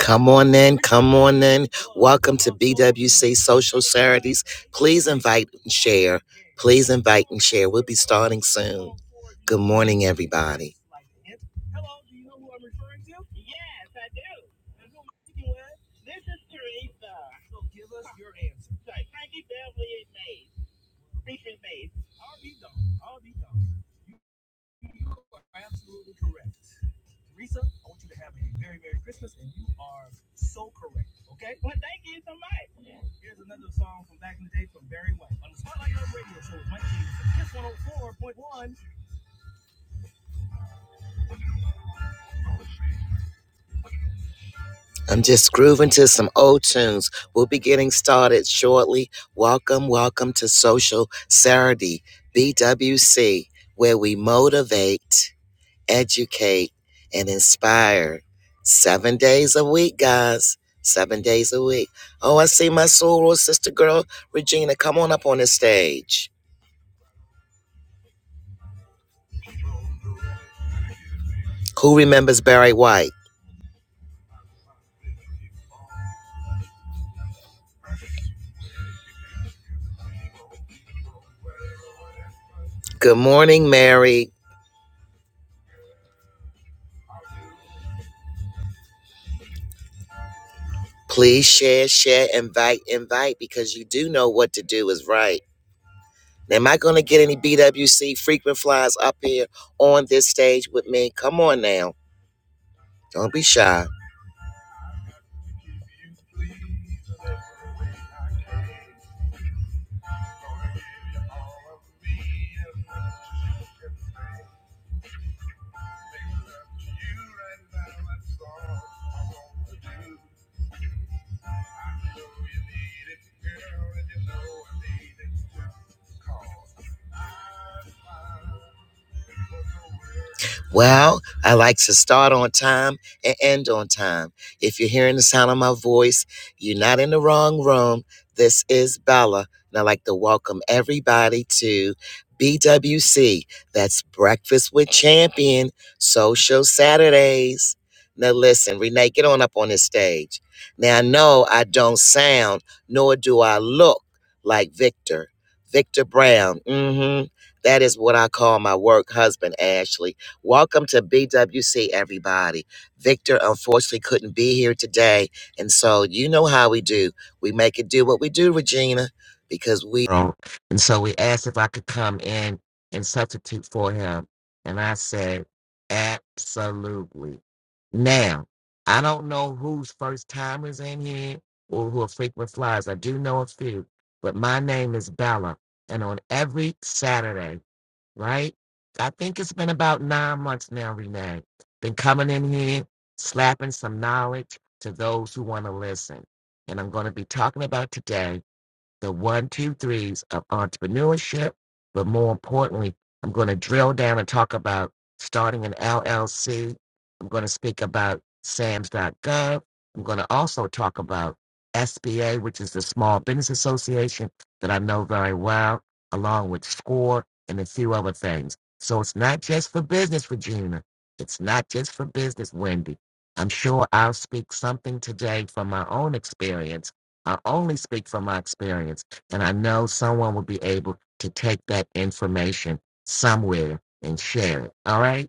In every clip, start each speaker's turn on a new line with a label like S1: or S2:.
S1: Come on in, come on in. Welcome to BWC Social Charities. Please invite and share. Please invite and share. We'll be starting soon. Good morning, everybody. I'm just grooving to some old tunes. We'll be getting started shortly. Welcome, welcome to Social Charity, BWC, where we motivate. educate, and inspire. Seven days a week, guys. Seven days a week. Oh, I see my sorority sister girl, Regina. Come on up on the stage. Who remembers Barry White? Good morning, Mary. Please share, share, invite, invite, because you do know what to do is right. Now, am I going to get any BWC frequent flyers up here on this stage with me? Come on now. Don't be shy. Well, I like to start on time and end on time. If you're hearing the sound of my voice, you're not in the wrong room. This is Bella, and I'd like to welcome everybody to BWC. That's Breakfast with Champion Social Saturdays. Now, listen, Renee, get on up on this stage. Now, I know I don't sound, nor do I look like Victor. Victor Brown. Mm hmm. That is what I call my work husband, Ashley. Welcome to BWC, everybody. Victor unfortunately couldn't be here today. And so you know how we do. We make it do what we do, Regina, because we don't. And so we asked if I could come in and substitute for him. And I said, absolutely. Now, I don't know whose first timers in here or who are frequent flyers. I do know a few, but my name is Bella. And on every Saturday, right? I think it's been about nine months now, Renee. Been coming in here, slapping some knowledge to those who want to listen. And I'm going to be talking about today the one, two, threes of entrepreneurship. But more importantly, I'm going to drill down and talk about starting an LLC. I'm going to speak about SAMS.gov. I'm going to also talk about SBA, which is the Small Business Association that I know very well, along with SCORE and a few other things. So it's not just for business, Regina. It's not just for business, Wendy. I'm sure I'll speak something today from my own experience I only speak from my experience, and I know someone will be able to take that information somewhere and share it. All right.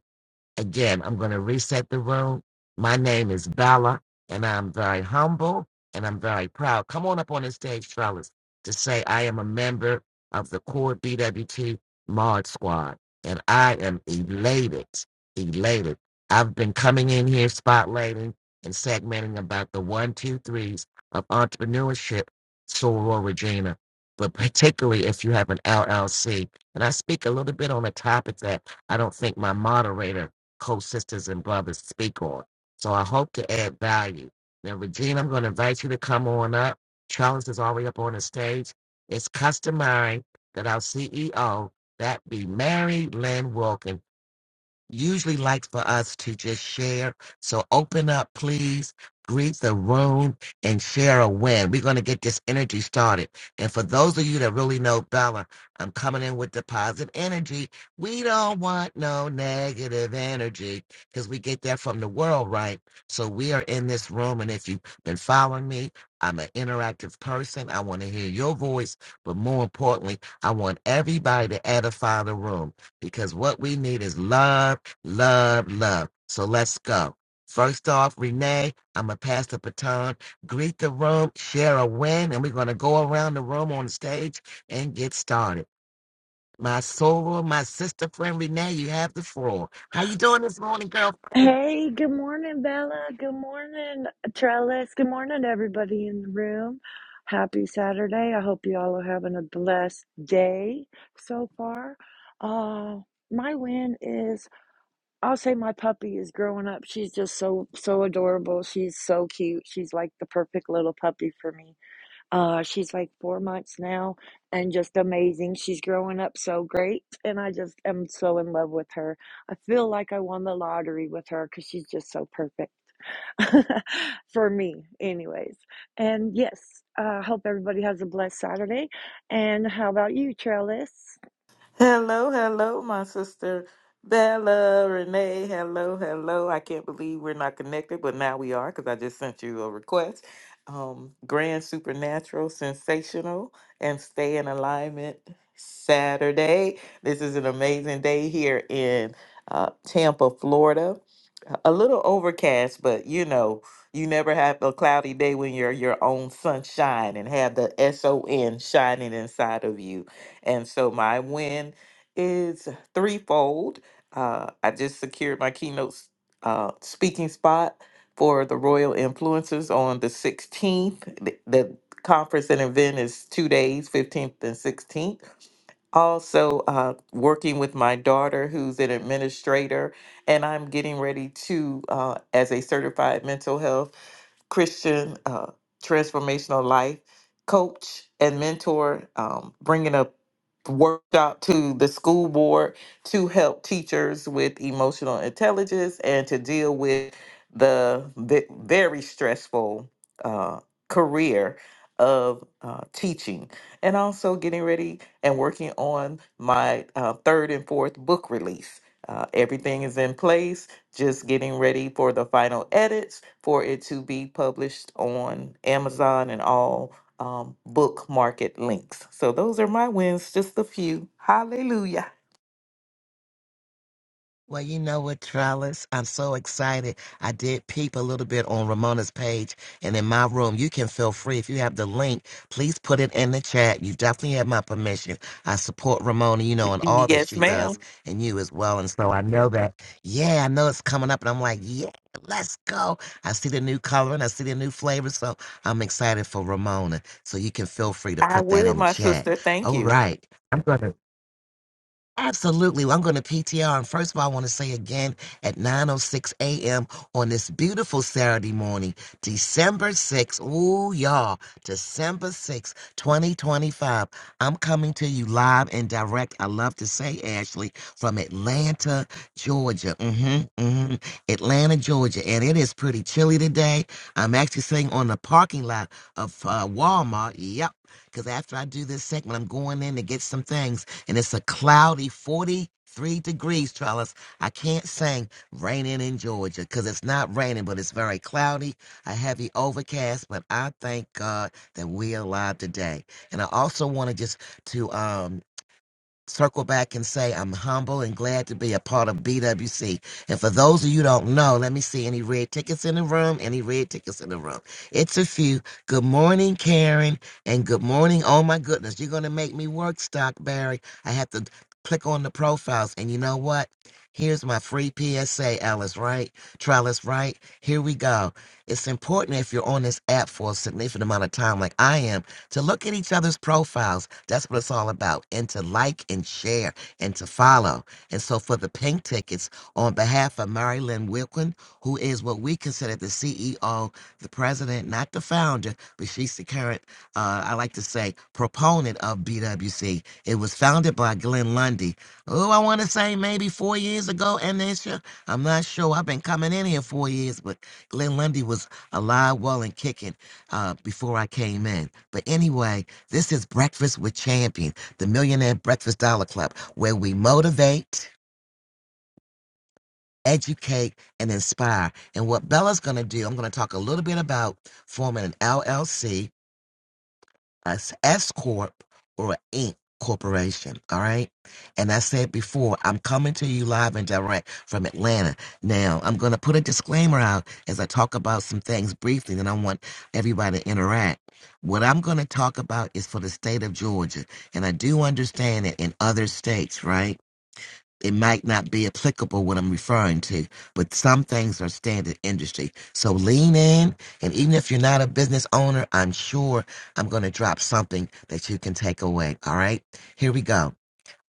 S1: Again, I'm going to reset the room. My name is Bella, and I'm very humble and I'm very proud. Come on up on the stage, fellas, to say I am a member of the core BWT Mod Squad, and I am elated, elated. I've been coming in here spotlighting and segmenting about the one, two, threes of entrepreneurship, Soror Regina, but particularly if you have an LLC. And I speak a little bit on a topic that I don't think my moderator co-sisters and brothers speak on. So I hope to add value. Now, Regina, I'm going to invite you to come on up. Charles is already up on the stage. It's customary that our CEO, that be Mary Lynn Wilkin, usually likes for us to just share. So open up, please. Greet the room and share a win. We're going to get this energy started. And for those of you that really know Bella, I'm coming in with the positive energy. We don't want no negative energy because we get that from the world, right? So we are in this room. And if you've been following me, I'm an interactive person. I want to hear your voice. But more importantly, I want everybody to edify the room because what we need is love, love, love. So let's go. First off, Renee, I'm going to pass the baton, greet the room, share a win, and we're going to go around the room on stage and get started. My soul, my sister friend Renee, you have the floor. How you doing this morning, girl?
S2: Hey, good morning, Bella. Good morning, Trellis. Good morning, everybody in the room. Happy Saturday. I hope you all are having a blessed day so far. Uh, my win is I'll say my puppy is growing up. She's just so, so adorable. She's so cute. She's like the perfect little puppy for me. Uh, she's like four months now and just amazing. She's growing up so great, and I just am so in love with her. I feel like I won the lottery with her because she's just so perfect for me, anyways. And yes, I uh, hope everybody has a blessed Saturday. And how about you, Trellis?
S3: Hello, hello, my sister Bella Renee. Hello, hello. I can't believe we're not connected, but now we are because I just sent you a request. Um, grand, supernatural, sensational, and stay in alignment Saturday. This is an amazing day here in uh, Tampa, Florida a little overcast, but you know, you never have a cloudy day when you're your own sunshine and have the S O N shining inside of you. And so my win is threefold. Uh, I just secured my keynote s- uh, speaking spot for the Royal Influencers on the 16th. The, the conference and event is two days, 15th and 16th also uh, working with my daughter who's an administrator and i'm getting ready to uh, as a certified mental health Christian uh, transformational life coach and mentor, um, bringing a workshop to the school board to help teachers with emotional intelligence and to deal with the ve- very stressful uh, career of uh, teaching and also getting ready and working on my uh, third and fourth book release. Uh, everything is in place just getting ready for the final edits for it to be published on Amazon and all um, book market links. So those are my wins, just a few. Hallelujah.
S1: Well, you know what, Trellis? I'm so excited. I did peep a little bit on Ramona's page and in my room. You can feel free. If you have the link, please put it in the chat. You definitely have my permission. I support Ramona, you know, and all that
S3: Yes,
S1: she does
S3: ma'am.
S1: and you as well. And so I know that, yeah, I know it's coming up. And I'm like, yeah, let's go. I see the new color and I see the new flavor. So I'm excited for Ramona. So you can feel free to
S3: I
S1: put that
S3: will,
S1: in the
S3: my
S1: chat.
S3: sister. Thank
S1: All
S3: you.
S1: right. I'm going to. Absolutely. Well, I'm going to PTR. And first of all, I want to say again at 9.06 a.m. on this beautiful Saturday morning, December 6th. Ooh, y'all, December 6th, 2025. I'm coming to you live and direct. I love to say, Ashley, from Atlanta, Georgia. Mm-hmm, mm-hmm. Atlanta, Georgia. And it is pretty chilly today. I'm actually sitting on the parking lot of uh, Walmart. Yep. Because after I do this segment, I'm going in to get some things and it's a cloudy 43 degrees, Trellis. I can't sing Raining in Georgia because it's not raining, but it's very cloudy, a heavy overcast. But I thank God that we're alive today. And I also wanted just to, um, circle back and say I'm humble and glad to be a part of BWC. And for those of you who don't know, let me see any red tickets in the room. Any red tickets in the room? It's a few. Good morning, Karen, and good morning. Oh my goodness, you're gonna make me work, Stockberry. I have to click on the profiles, and you know what? Here's my free PSA, Alice, right? Trellis, right? Here we go. It's important if you're on this app for a significant amount of time, like I am, to look at each other's profiles. That's what it's all about, and to like and share and to follow. And so, for the pink tickets, on behalf of Mary Lynn Wilkin, who is what we consider the CEO, the president, not the founder, but she's the current, uh, I like to say, proponent of BWC. It was founded by Glenn Lundy. Oh, I want to say maybe four years ago, and this year, I'm not sure. I've been coming in here four years, but Glenn Lundy was alive, well, and kicking uh, before I came in. But anyway, this is Breakfast with Champion, the Millionaire Breakfast Dollar Club, where we motivate, educate, and inspire. And what Bella's going to do, I'm going to talk a little bit about forming an LLC as corp or an Inc corporation. All right, and I said before, I'm coming to you live and direct from Atlanta. Now I'm going to put a disclaimer out as I talk about some things briefly, and I want everybody to interact. What I'm going to talk about is for the state of Georgia, and I do understand it in other states, right? it might not be applicable what I'm referring to, but some things are standard industry. So lean in, and even if you're not a business owner, I'm sure I'm going to drop something that you can take away. All right, here we go.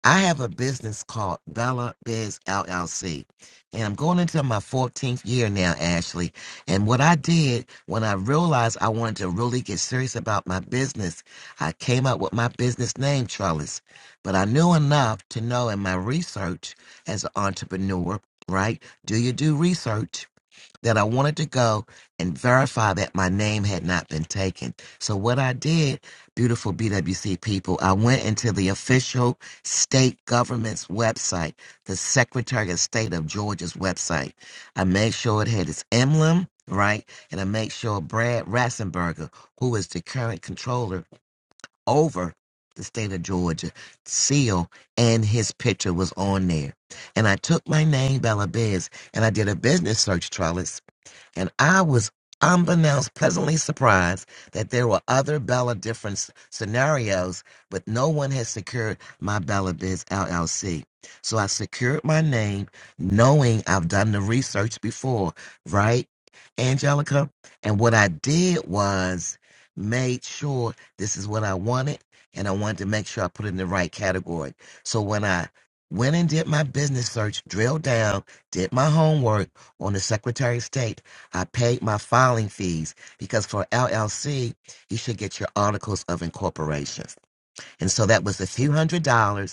S1: I have a business called Bella Biz LLC, and I'm going into my 14th year now, Ashley. And what I did when I realized I wanted to really get serious about my business, I came up with my business name, Trellis. But I knew enough to know in my research as an entrepreneur, right? Do you do research? that I wanted to go and verify that my name had not been taken. So, what I did, beautiful BWC people, I went into the official state government's website, the Secretary of State of Georgia's website. I made sure it had its emblem, right? And I made sure Brad Rassenberger, who is the current controller over the state of Georgia, seal and his picture was on there. And I took my name, Bella Biz, and I did a business search, Charlotte and I was unbeknownst pleasantly surprised that there were other Bella different s- scenarios, but no one had secured my Bella Biz LLC. So I secured my name knowing I've done the research before, right, Angelica? And what I did was made sure this is what I wanted, and I wanted to make sure I put it in the right category. So when I went and did my business search, drilled down, did my homework on the Secretary of State, I paid my filing fees because for LLC, you should get your articles of incorporation. And so that was a few hundred dollars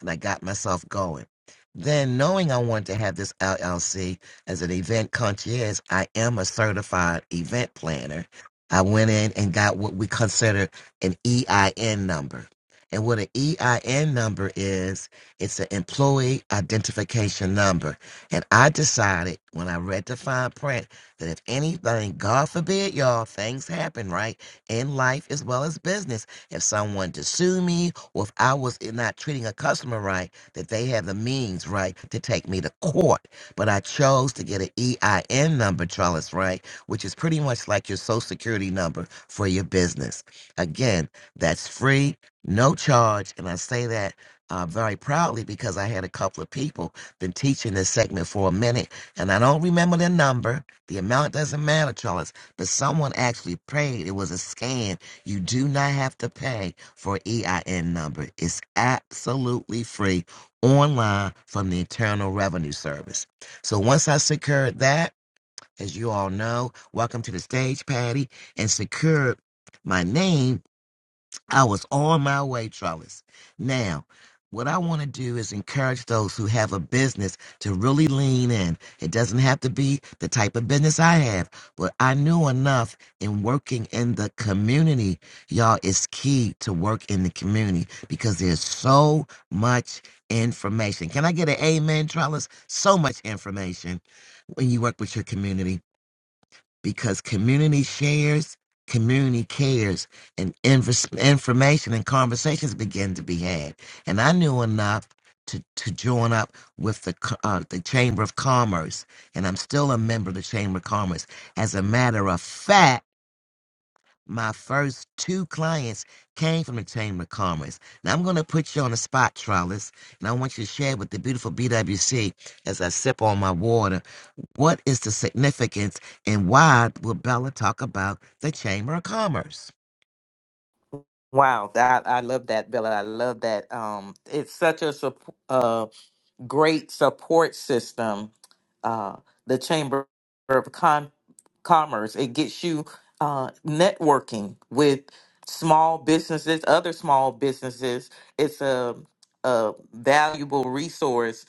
S1: and I got myself going. Then, knowing I wanted to have this LLC as an event concierge, I am a certified event planner. I went in and got what we consider an EIN number. And what an EIN number is, it's an employee identification number. And I decided when I read the fine print that if anything, God forbid, y'all, things happen, right? In life as well as business. If someone to sue me or if I was not treating a customer right, that they have the means, right, to take me to court. But I chose to get an EIN number, Charles, right, which is pretty much like your social security number for your business. Again, that's free, no charge. And I say that uh, very proudly because I had a couple of people been teaching this segment for a minute and I don't remember the number. The amount doesn't matter, Charles. But someone actually paid. It was a scam you do not have to pay for EIN number. It's absolutely free online from the Internal Revenue Service. So once I secured that, as you all know, welcome to the stage, Patty, and secured my name I was on my way, Trellis. Now, what I want to do is encourage those who have a business to really lean in. It doesn't have to be the type of business I have, but I knew enough in working in the community. Y'all, it's key to work in the community because there's so much information. Can I get an amen, Trellis? So much information when you work with your community because community shares, community cares, and inf- information and conversations begin to be had. And I knew enough to, to join up with the co- uh, the Chamber of Commerce, and I'm still a member of the Chamber of Commerce. As a matter of fact my first two clients came from the Chamber of Commerce. Now I'm going to put you on the spot, Trellis, and I want you to share with the beautiful BWC as I sip on my water. What is the significance and why will Bella talk about the Chamber of Commerce?
S3: Wow, that I love that, Bella. I love that. Um, it's such a support. great support system, uh, the Chamber of Com- Commerce. It gets you uh, networking with small businesses, other small businesses. It's a, a valuable resource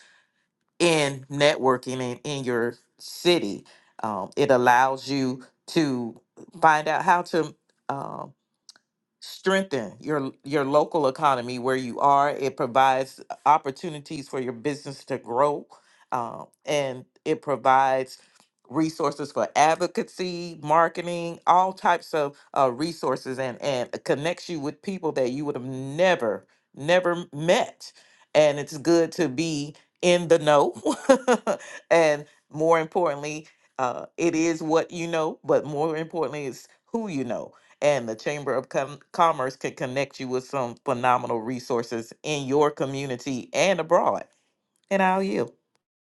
S3: in networking in, in your city. Um, it allows you to find out how to. um strengthen your your local economy where you are. It provides opportunities for your business to grow, um, and it provides resources for advocacy, marketing, all types of uh, resources, and and it connects you with people that you would have never never m- met. And it's good to be in the know, and more importantly, uh, it is what you know, but more importantly, it's who you know and the Chamber of Com- Commerce can connect you with some phenomenal resources in your community and abroad. And I'll yield.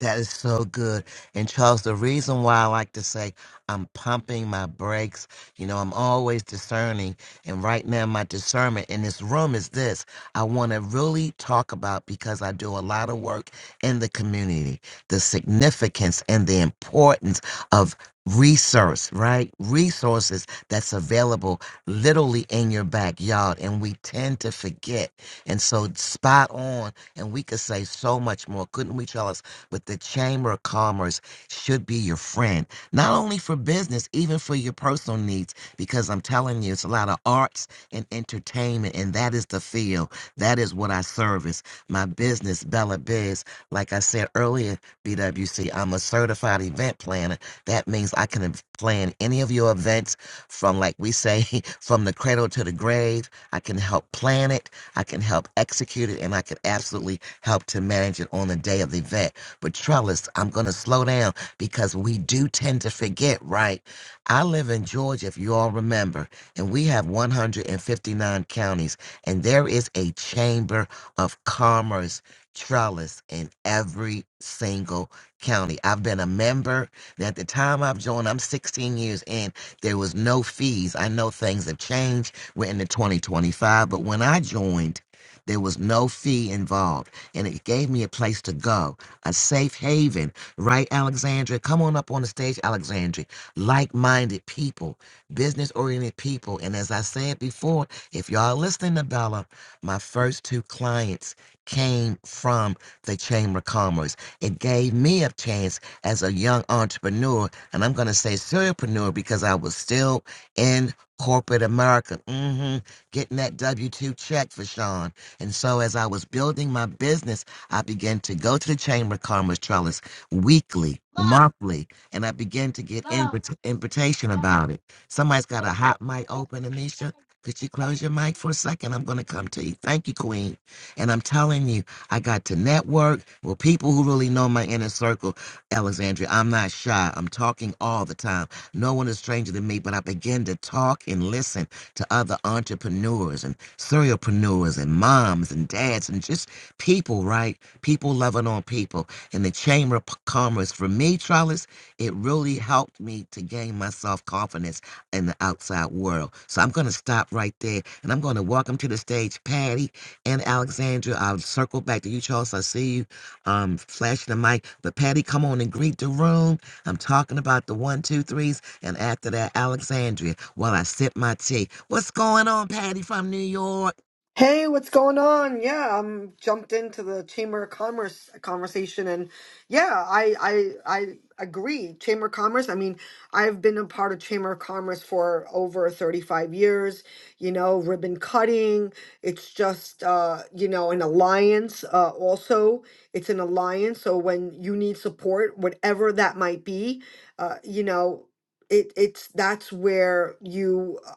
S1: That is so good. And Charles, the reason why I like to say I'm pumping my brakes, you know, I'm always discerning. And right now, my discernment in this room is this I want to really talk about because I do a lot of work in the community, the significance and the importance of resource, right? Resources that's available literally in your backyard. And we tend to forget. And so, spot on. And we could say so much more. Couldn't we, Charles? with the Chamber of Commerce should be your friend, not only for business, even for your personal needs, because I'm telling you, it's a lot of arts and entertainment, and that is the field. That is what I service. My business, Bella Biz, like I said earlier, BWC, I'm a certified event planner. That means I can plan any of your events from, like we say, from the cradle to the grave. I can help plan it, I can help execute it, and I can absolutely help to manage it on the day of the event. But Trellis, I'm going to slow down because we do tend to forget, right? I live in Georgia, if you all remember, and we have 159 counties, and there is a chamber of commerce trellis in every single county. I've been a member. and At the time I've joined, I'm 16 years in, there was no fees. I know things have changed. We're into 2025, but when I joined, there was no fee involved, and it gave me a place to go a safe haven, right, Alexandria? Come on up on the stage, Alexandria. Like minded people, business oriented people. And as I said before, if y'all are listening to Bella, my first two clients came from the Chamber of Commerce. It gave me a chance as a young entrepreneur, and I'm going to say serialpreneur because I was still in corporate America, hmm getting that W 2 check for Sean. And so as I was building my business, I began to go to the Chamber of Commerce Trellis weekly,
S4: Love,
S1: monthly, and I began to get
S4: love,
S1: invit- invitation about it. Somebody's got a hot mic
S4: love.
S1: open, Anisha. Could you close your mic for a second? I'm going to come to you. Thank you, Queen. And I'm telling you, I got to network with people who really know my inner circle. Alexandria, I'm not shy. I'm talking all the time. No one is stranger than me, but I begin to talk and listen to other entrepreneurs and serialpreneurs and moms and dads and just people, right? People loving on people. And the Chamber of P- Commerce, for me, Trellis, it really helped me to gain my self confidence in the outside world. So I'm going to stop right there and I'm going to welcome to the stage Patty and Alexandra. I'll circle back to you, Charles. I see you um, flashing the mic. But Patty, come on and greet the room. I'm talking about the one, two, threes. And after that, Alexandria, while I sip my tea. What's going on, Patty from New York?
S5: Hey, what's going on? Yeah, I'm jumped into the Chamber of Commerce conversation and yeah, I I I agree. Chamber of Commerce, I mean, I've been a part of Chamber of Commerce for over 35 years, you know, ribbon cutting. It's just uh, you know, an alliance uh also. It's an alliance, so when you need support, whatever that might be, uh, you know, it it's that's where you uh,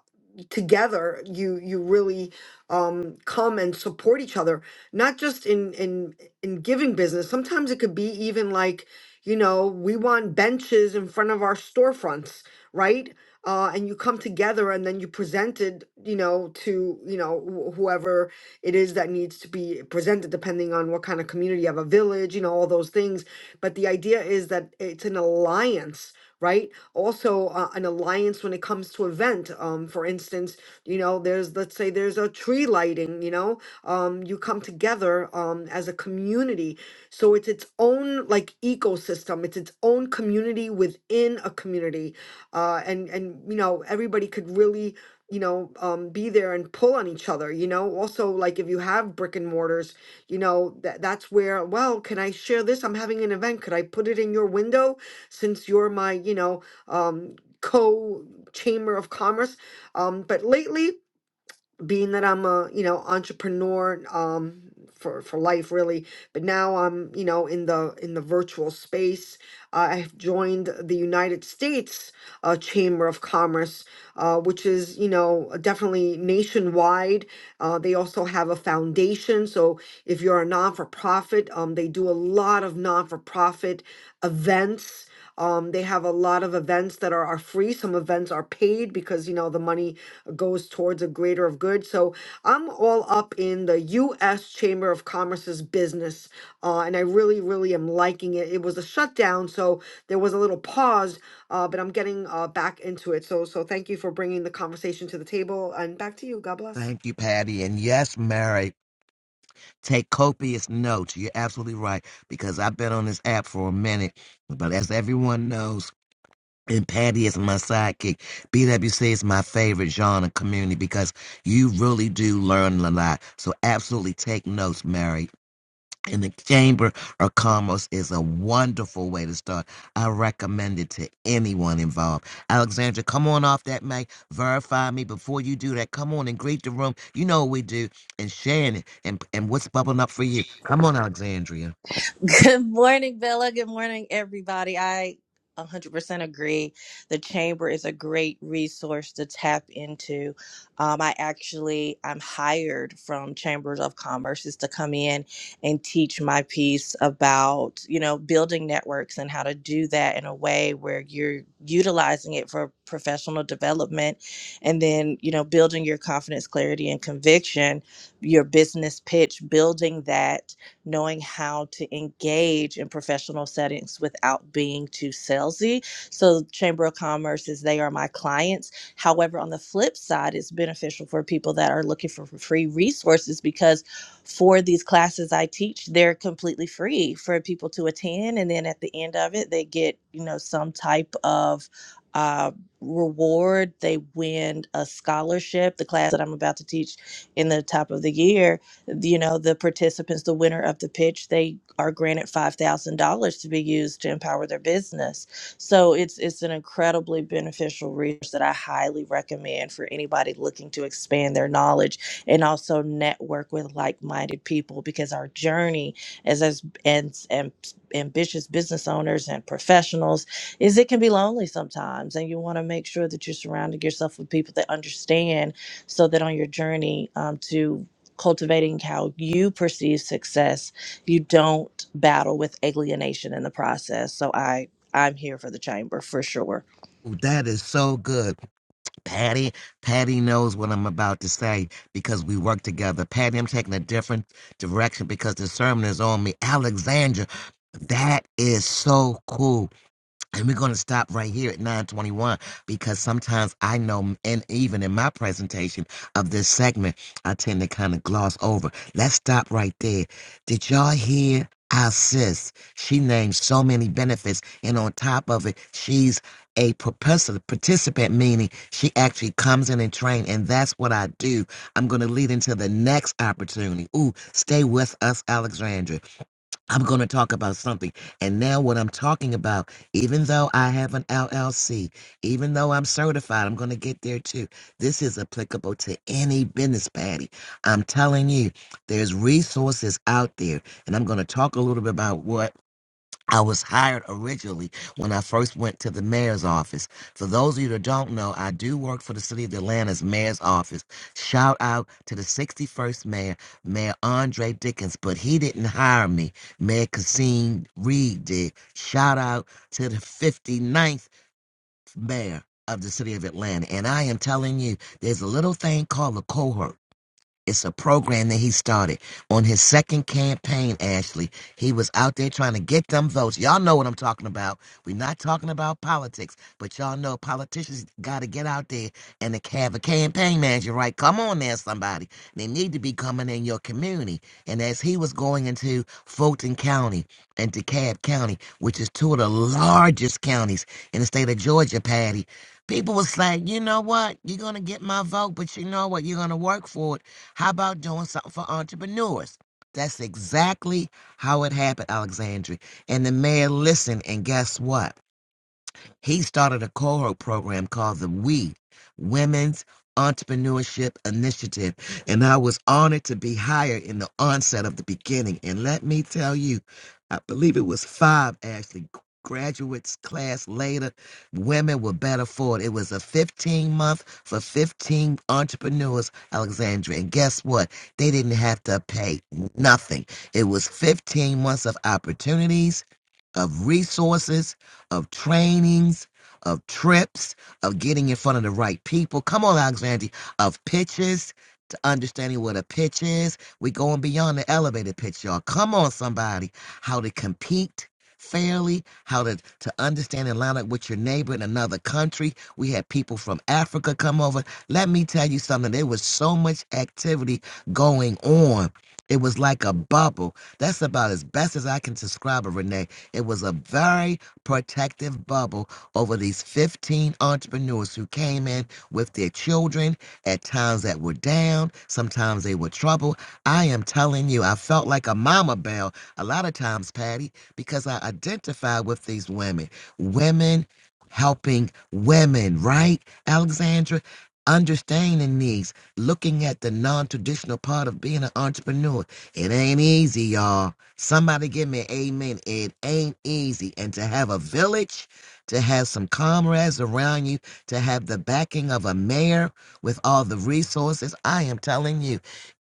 S5: together you you really um, come and support each other, not just in in in giving business. Sometimes it could be even like, you know, we want benches in front of our storefronts, right? Uh, and you come together and then you present it, you know, to you know wh- whoever it is that needs to be presented, depending on what kind of community you have, a village, you know, all those things. But the idea is that it's an alliance, right? Also, uh, an alliance when it comes to event. Um, for instance you know there's let's say there's a tree lighting you know um you come together um as a community so it's its own like ecosystem it's its own community within a community uh and and you know everybody could really you know um be there and pull on each other you know also like if you have brick and mortars you know that that's where well can i share this i'm having an event could i put it in your window since you're my you know um co chamber of commerce um, but lately, being that I'm a you know entrepreneur um, for for life really, but now I'm you know in the in the virtual space. I have joined the United States uh, Chamber of Commerce, uh, which is you know definitely nationwide. Uh, they also have a foundation, so if you're a non for profit, um, they do a lot of non for profit events. Um, they have a lot of events that are, are free. Some events are paid because you know the money goes towards a greater of good. So I'm all up in the U.S. Chamber of Commerce's business, uh, and I really, really am liking it. It was a shutdown, so there was a little pause, uh, but I'm getting uh, back into it. So, so thank you for bringing the conversation to the table, and back to you. God bless.
S1: Thank you, Patty. And yes, Mary. Take copious notes. You're absolutely right because I've been on this app for a minute. But as everyone knows, and Patty is my sidekick, BWC is my favorite genre community because you really do learn a lot. So absolutely take notes, Mary in the chamber of commerce is a wonderful way to start. I recommend it to anyone involved. Alexandra, come on off that mic. Verify me before you do that. Come on and greet the room. You know what we do. And Shannon, and, and what's bubbling up for you? Come on, Alexandria.
S6: Good morning, Bella. Good morning, everybody. I 100% agree. The Chamber is a great resource to tap into. Um, I actually, I'm hired from Chambers of Commerce is to come in and teach my piece about, you know, building networks and how to do that in a way where you're utilizing it for professional development and then, you know, building your confidence, clarity, and conviction, your business pitch, building that knowing how to engage in professional settings without being too salesy. So, Chamber of Commerce is they are my clients. However, on the flip side, it's beneficial for people that are looking for free resources because for these classes I teach, they're completely free for people to attend. And then at the end of it, they get, you know, some type of uh, reward. They win a scholarship, the class that I'm about to teach in the top of the year you know the participants the winner of the pitch they are granted $5000 to be used to empower their business so it's it's an incredibly beneficial resource that i highly recommend for anybody looking to expand their knowledge and also network with like-minded people because our journey as as and, and ambitious business owners and professionals is it can be lonely sometimes and you want to make sure that you're surrounding yourself with people that understand so that on your journey um, to cultivating how you perceive success you don't battle with alienation in the process so i i'm here for the chamber for sure
S1: Ooh, That is so good. Patty, Patty knows what I'm about to say because we work together. Patty, I'm taking a different direction because the sermon is on me. Alexandra, that is so cool And we're going to stop right here at 921 because sometimes I know, and even in my presentation of this segment, I tend to kind of gloss over. Let's stop right there. Did y'all hear our sis? She named so many benefits, and on top of it, she's a participant, meaning she actually comes in and train, and that's what I do. I'm going to lead into the next opportunity. Ooh, stay with us, Alexandra. I'm going to talk about something. And now, what I'm talking about, even though I have an LLC, even though I'm certified, I'm going to get there too. This is applicable to any business, Patty. I'm telling you, there's resources out there. And I'm going to talk a little bit about what. I was hired originally when I first went to the mayor's office. For those of you that don't know, I do work for the city of Atlanta's mayor's office. Shout out to the 61st mayor, Mayor Andre Dickens, but he didn't hire me. Mayor Cassine Reed did. Shout out to the 59th mayor of the city of Atlanta. And I am telling you, there's a little thing called a cohort. It's a program that he started on his second campaign, Ashley. He was out there trying to get them votes. Y'all know what I'm talking about. We're not talking about politics, but y'all know politicians got to get out there and they have a campaign manager, right? Come on there, somebody. They need to be coming in your community. And as he was going into Fulton County and DeKalb County, which is two of the largest counties in the state of Georgia, Patty, people was like, you know what? You're going to get my vote, but you know what? You're going to work for it how about doing something for entrepreneurs? That's exactly how it happened, Alexandria. And the mayor listened, and guess what? He started a cohort program called the We Women's Entrepreneurship Initiative. And I was honored to be hired in the onset of the beginning. And let me tell you, I believe it was five actually graduates class later women were better for it it was a 15 month for 15 entrepreneurs alexandria and guess what they didn't have to pay nothing it was 15 months of opportunities of resources of trainings, of trips, of getting in front of the right people. Come on, Alexandria, of pitches to understanding what a pitch is. We're going beyond the elevator pitch, y'all. Come on, somebody. How to compete fairly, how to, to understand and line up with your neighbor in another country. We had people from Africa come over. Let me tell you something. There was so much activity going on. It was like a bubble. That's about as best as I can describe it, Renee. It was a very protective bubble over these 15 entrepreneurs who came in with their children at times that were down, sometimes they were trouble. I am telling you, I felt like a mama bell a lot of times, Patty, because I identify with these women. Women helping women, right, Alexandra? Understanding these, looking at the non traditional part of being an entrepreneur. It ain't easy, y'all Somebody give me amen. It ain't easy. And to have a village, to have some comrades around you, to have the backing of a mayor with all the resources, I am telling you,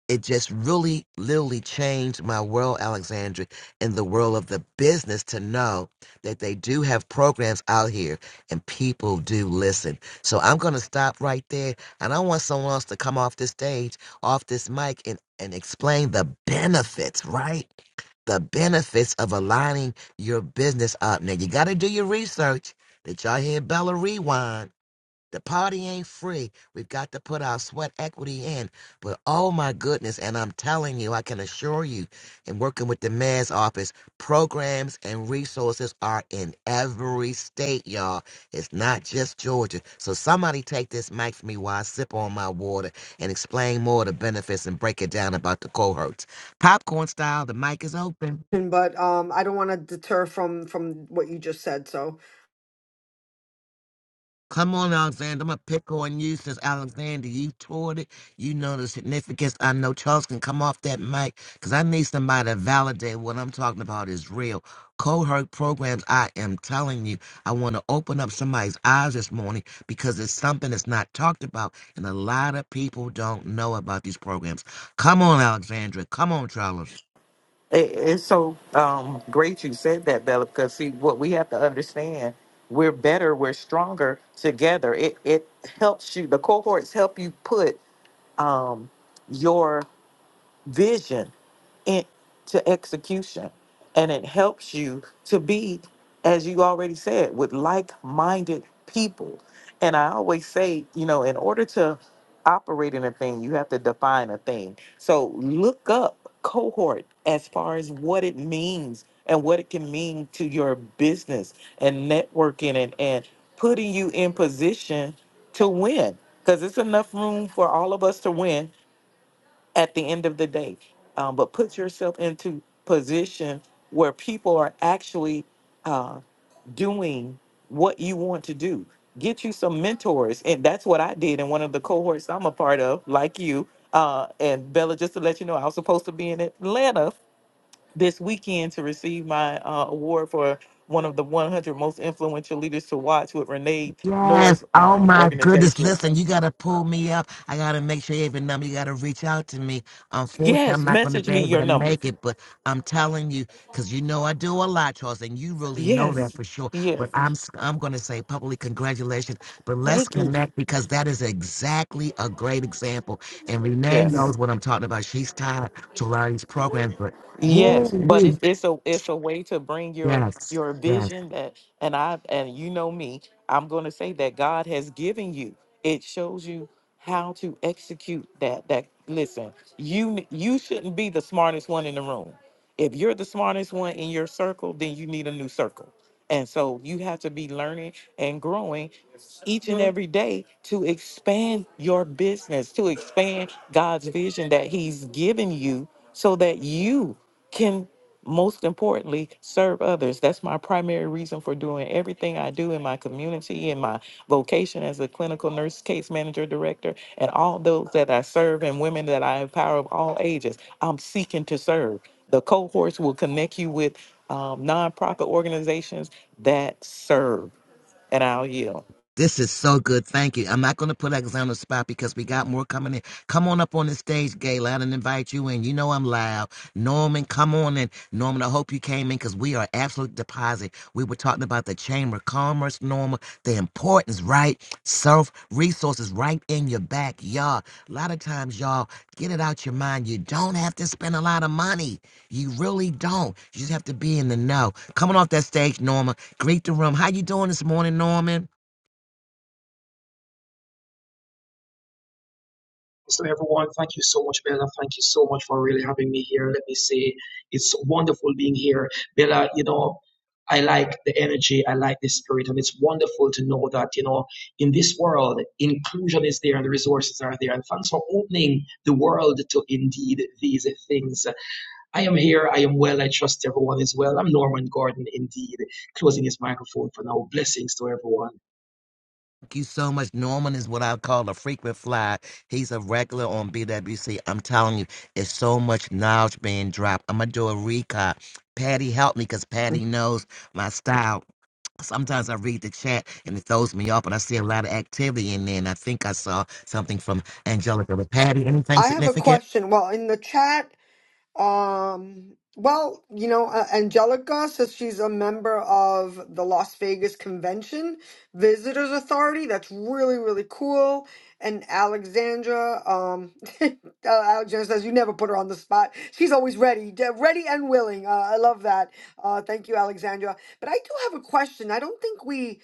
S1: it just really, literally changed my world, Alexandria, in the world of the business to know that they do have programs out here and people do listen. So I'm going to stop right there. And I want someone else to come off the stage, off this mic, and, and explain the benefits, right? the benefits of aligning your business up. Now you got to do your research. Did y'all hear Bella Rewind? The party ain't free. We've got to put our sweat equity in. But oh my goodness, and I'm telling you, I can assure you, in working with the mayor's office, programs and resources are in every state, y'all. It's not just Georgia. So somebody take this mic from me while I sip on my water and explain more of the benefits and break it down about the cohorts. Popcorn style, the mic is open.
S5: And- But um, I don't want to deter from from what you just said. So
S1: Come on, Alexander. I'm gonna pick on you since Alexander, you toured it. You know the significance. I know Charles can come off that mic because I need somebody to validate what I'm talking about is real. Cohort programs, I am telling you, I want to open up somebody's eyes this morning because it's something that's not talked about, and a lot of people don't know about these programs. Come on, Alexandra. Come on, Charles.
S3: It- it's so um, great you said that, Bella, because see, what we have to understand, we're better, we're stronger together. It, it helps you, the cohorts help you put um, your vision. into execution. And it helps you to be, as you already said, with like minded people. And I always say, you know, in order to operate in a thing, you have to define a thing. So look up cohort as far as what it means and what it can mean to your business and networking and, and putting you in position to win. Because it's enough room for all of us to win at the end of the day. Um, but put yourself into position where people are actually uh, doing what you want to do. Get you some mentors, and that's what I did in one of the cohorts I'm a part of, like you. Uh, and Bella, just to let you know, I was supposed to be in Atlanta this weekend to receive my uh, award for one of the 100 most influential leaders to watch with Renee
S1: Yes.
S3: Norris
S1: Oh
S3: uh,
S1: my goodness.
S3: organization.
S1: Listen, you gotta pull me up. I gotta make sure you have a number. You gotta reach out to me. Unfortunately,
S3: Yes,
S1: I'm not gonna
S3: message
S1: be
S3: me
S1: able
S3: your
S1: to
S3: number.
S1: make it, but I'm telling you, because you know I do a lot, Charles, and you really know that
S3: Yes,
S1: for sure.
S3: yes.
S1: But I'm s- I'm gonna say publicly congratulations. But let's
S3: Thank you.
S1: connect because that is exactly a great example. And Renee
S3: Yes.
S1: knows what I'm talking about. She's tied to a lot of these programs, but woo
S3: Yes. But it's
S1: wee.
S3: it's a it's a way to bring your
S1: Yes.
S3: your vision that and I and you know me, I'm gonna say that God has given you. It shows you how to execute that that listen, you n- you shouldn't be the smartest one in the room. If you're the smartest one in your circle, then you need a new circle. And so you have to be learning and growing each and every day to expand your business, to expand God's vision that He's given you so that you can, most importantly, serve others. That's my primary reason for doing everything I do in my community, in my vocation as a clinical nurse, case manager, director, and all those that I serve and women that I empower of all ages. I'm seeking to serve. The cohorts will connect you with um, nonprofit organizations that serve. And I'll yield.
S1: This is so good. Thank you. I'm not going to put X on the spot because we got more coming in. Come on up on the stage, Gayla, and invite you in. You know I'm loud. Norman, come on in. Norman, I hope you came in because we are absolute deposit. We were talking about the Chamber of Commerce, Norman, the importance, right? Self resources right in your backyard. A lot of times, y'all, get it out your mind. You don't have to spend a lot of money. You really don't. You just have to be in the know. Coming off that stage, Norman, greet the room. How you doing this morning, Norman?
S7: So everyone, thank you so much, Bella. Thank you so much for really having me here. Let me say it's wonderful being here. Bella, you know, I like the energy, I like the spirit, and it's wonderful to know that, you know, in this world, inclusion is there and the resources are there. And thanks for opening the world to indeed these things. I am here, I am well, I trust everyone is well. I'm Norman Gordon, indeed, closing his microphone for now. Blessings to everyone.
S1: Thank you so much. Norman is what I call a frequent flyer. He's a regular on BWC. I'm telling you, it's so much knowledge being dropped. I'm gonna do a recap. Patty helped me because Patty knows my style. Sometimes I read the chat and it throws me off, and I see a lot of activity in there. And I think I saw something from Angelica. But Patty, anything
S5: I have a
S1: significant?
S5: question. Well, in the chat Um, well, you know, uh, Angelica says she's a member of the Las Vegas Convention Visitors Authority. That's really, really cool. And Alexandra, um, uh, Alexandra says you never put her on the spot. She's always ready, d- ready and willing. Uh, I love that. Uh, thank you, Alexandra. But I do have a question. I don't think we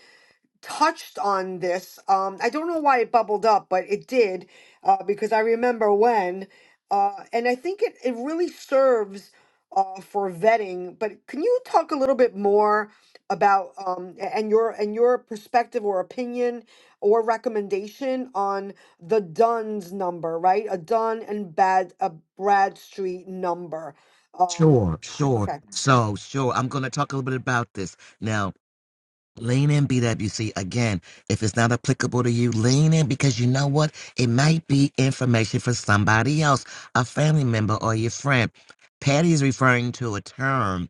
S5: touched on this. Um, I don't know why it bubbled up, but it did uh, because I remember when, uh, and I think it, it really serves uh, for vetting. But can you talk a little bit more about um, a- and your and your perspective or opinion or recommendation on the Dunn's number, right? A Dunn and Bad a Bradstreet number. Um,
S1: Sure, sure.
S5: okay.
S1: So, sure. I'm going to talk a little bit about this now. Lean in BWC again. If it's not applicable to you, lean in because you know what? It might be information for somebody else, a family member or your friend. Patty is referring to a term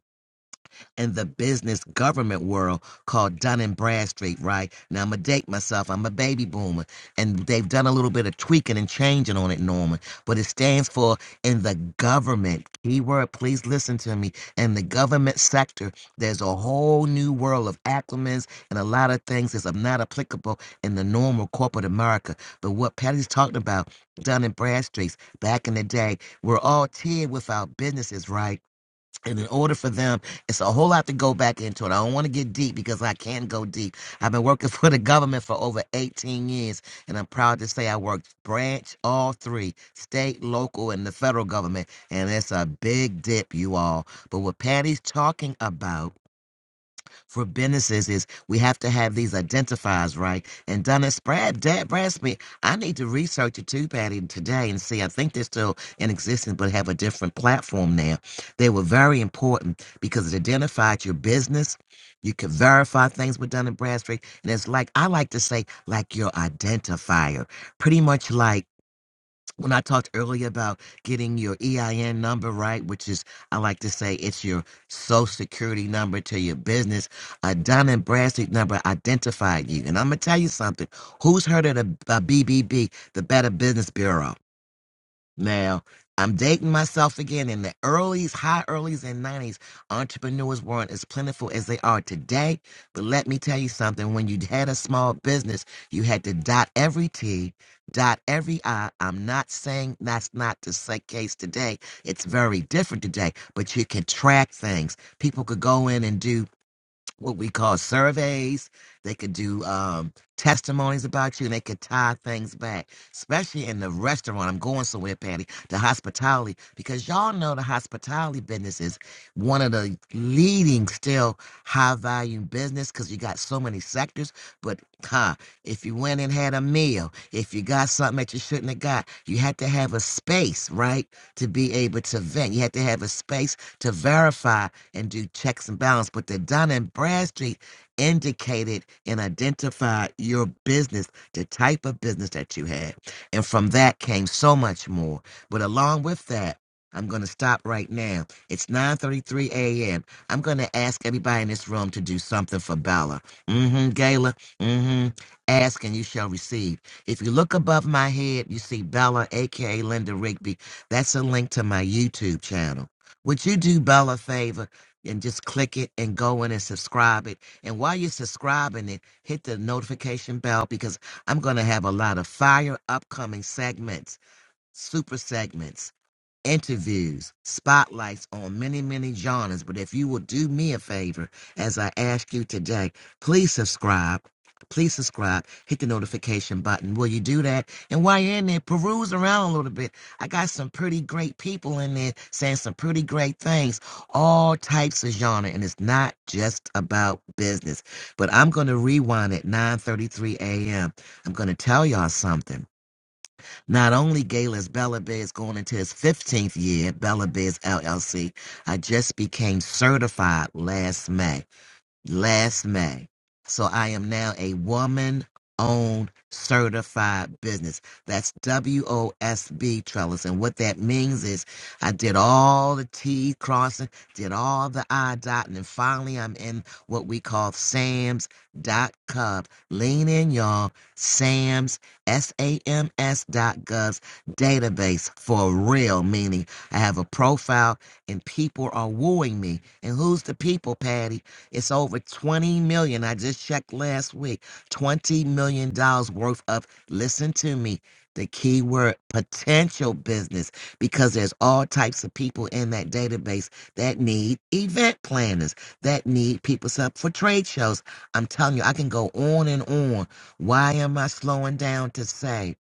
S1: in the business government world called Dun and Bradstreet, right? Now I'm gonna date myself. I'm a baby boomer, and they've done a little bit of tweaking and changing on it, Norman. But it stands for in the government keyword. Please listen to me. In the government sector, there's a whole new world of acronyms and a lot of things that's not applicable in the normal corporate America. But what Patty's talking about, Dun and Bradstreet's back in the day, we're all tiered with our businesses, right? And in order for them, it's a whole lot to go back into it. I don't want to get deep because I can go deep. I've been working for the government for over 18 years, and I'm proud to say I worked branch all three state, local, and the federal government. And it's a big dip, you all. But what Patty's talking about for businesses is we have to have these identifiers, right? And Donna Brad, Dad Bradsby, I need to research it too, Patty, today and see. I think they're still in existence, but have a different platform now. They were very important because it identified your business. You could verify things with Dun and Bradstreet, and it's like I like to say, like your identifier, pretty much like when I talked earlier about getting your EIN number right, which is, I like to say, it's your social security number to your business, a Dun and Bradstreet number identified you. And I'm going to tell you something. Who's heard of the uh, BBB, the Better Business Bureau? Now, I'm dating myself again in the earlies, high earlies and 90s. Entrepreneurs weren't as plentiful as they are today. But let me tell you something. When you had a small business, you had to dot every T, dot every I. I'm not saying that's not the sa- case today. It's very different today, but you can track things. People could go in and do what we call surveys. They could do um, testimonies about you, and they could tie things back, especially in the restaurant. I'm going somewhere, Patty, the hospitality, because y'all know the hospitality business is one of the leading, still high value business because you got so many sectors. But huh, if you went and had a meal, if you got something that you shouldn't have got, you had to have a space, right, to be able to vent. You had to have a space to verify and do checks and balance. But the Dun and Bradstreet indicated and identified your business, the type of business that you had. And from that came so much more. But along with that, I'm going to stop right now. It's 9:33 a.m. I'm going to ask everybody in this room to do something for Bella. Mm-hmm, Gayla. Mm-hmm. Ask and you shall receive. If you look above my head, you see Bella, aka Linda Rigby. That's a link to my YouTube channel. Would you do Bella a favor? and just click it and go in and subscribe it. And while you're subscribing it, hit the notification bell because I'm going to have a lot of fire upcoming segments, super segments interviews, spotlights on many, many genres. But if you will do me a favor, as I ask you today, please subscribe. Please subscribe. Hit the notification button. Will you do that? And while you're in there, peruse around a little bit. I got some pretty great people in there saying some pretty great things, all types of genre, and it's not just about business. But I'm going to rewind at 9:33 a.m. I'm going to tell y'all something not only, Gail, is Bella Biz going into its 15th year, Bella Biz LLC, I just became certified last May last May. So I am now a woman owned certified business. That's W O S B Trellis. And what that means is I did all the T crossing, did all the I dotting, and finally I'm in what we call Sam's dot Gov. Lean in, y'all. Sam's S A M S dot gov's database for real, meaning I have a profile and people are wooing me. And who's the people, Patty? It's over 20 million. I just checked last week. 20 million dollars worth of listen to me. The keyword potential business because there's all types of people in that database that need event planners, that need people set up for trade shows. I'm telling you, I can go on and on. Why am I slowing down to say?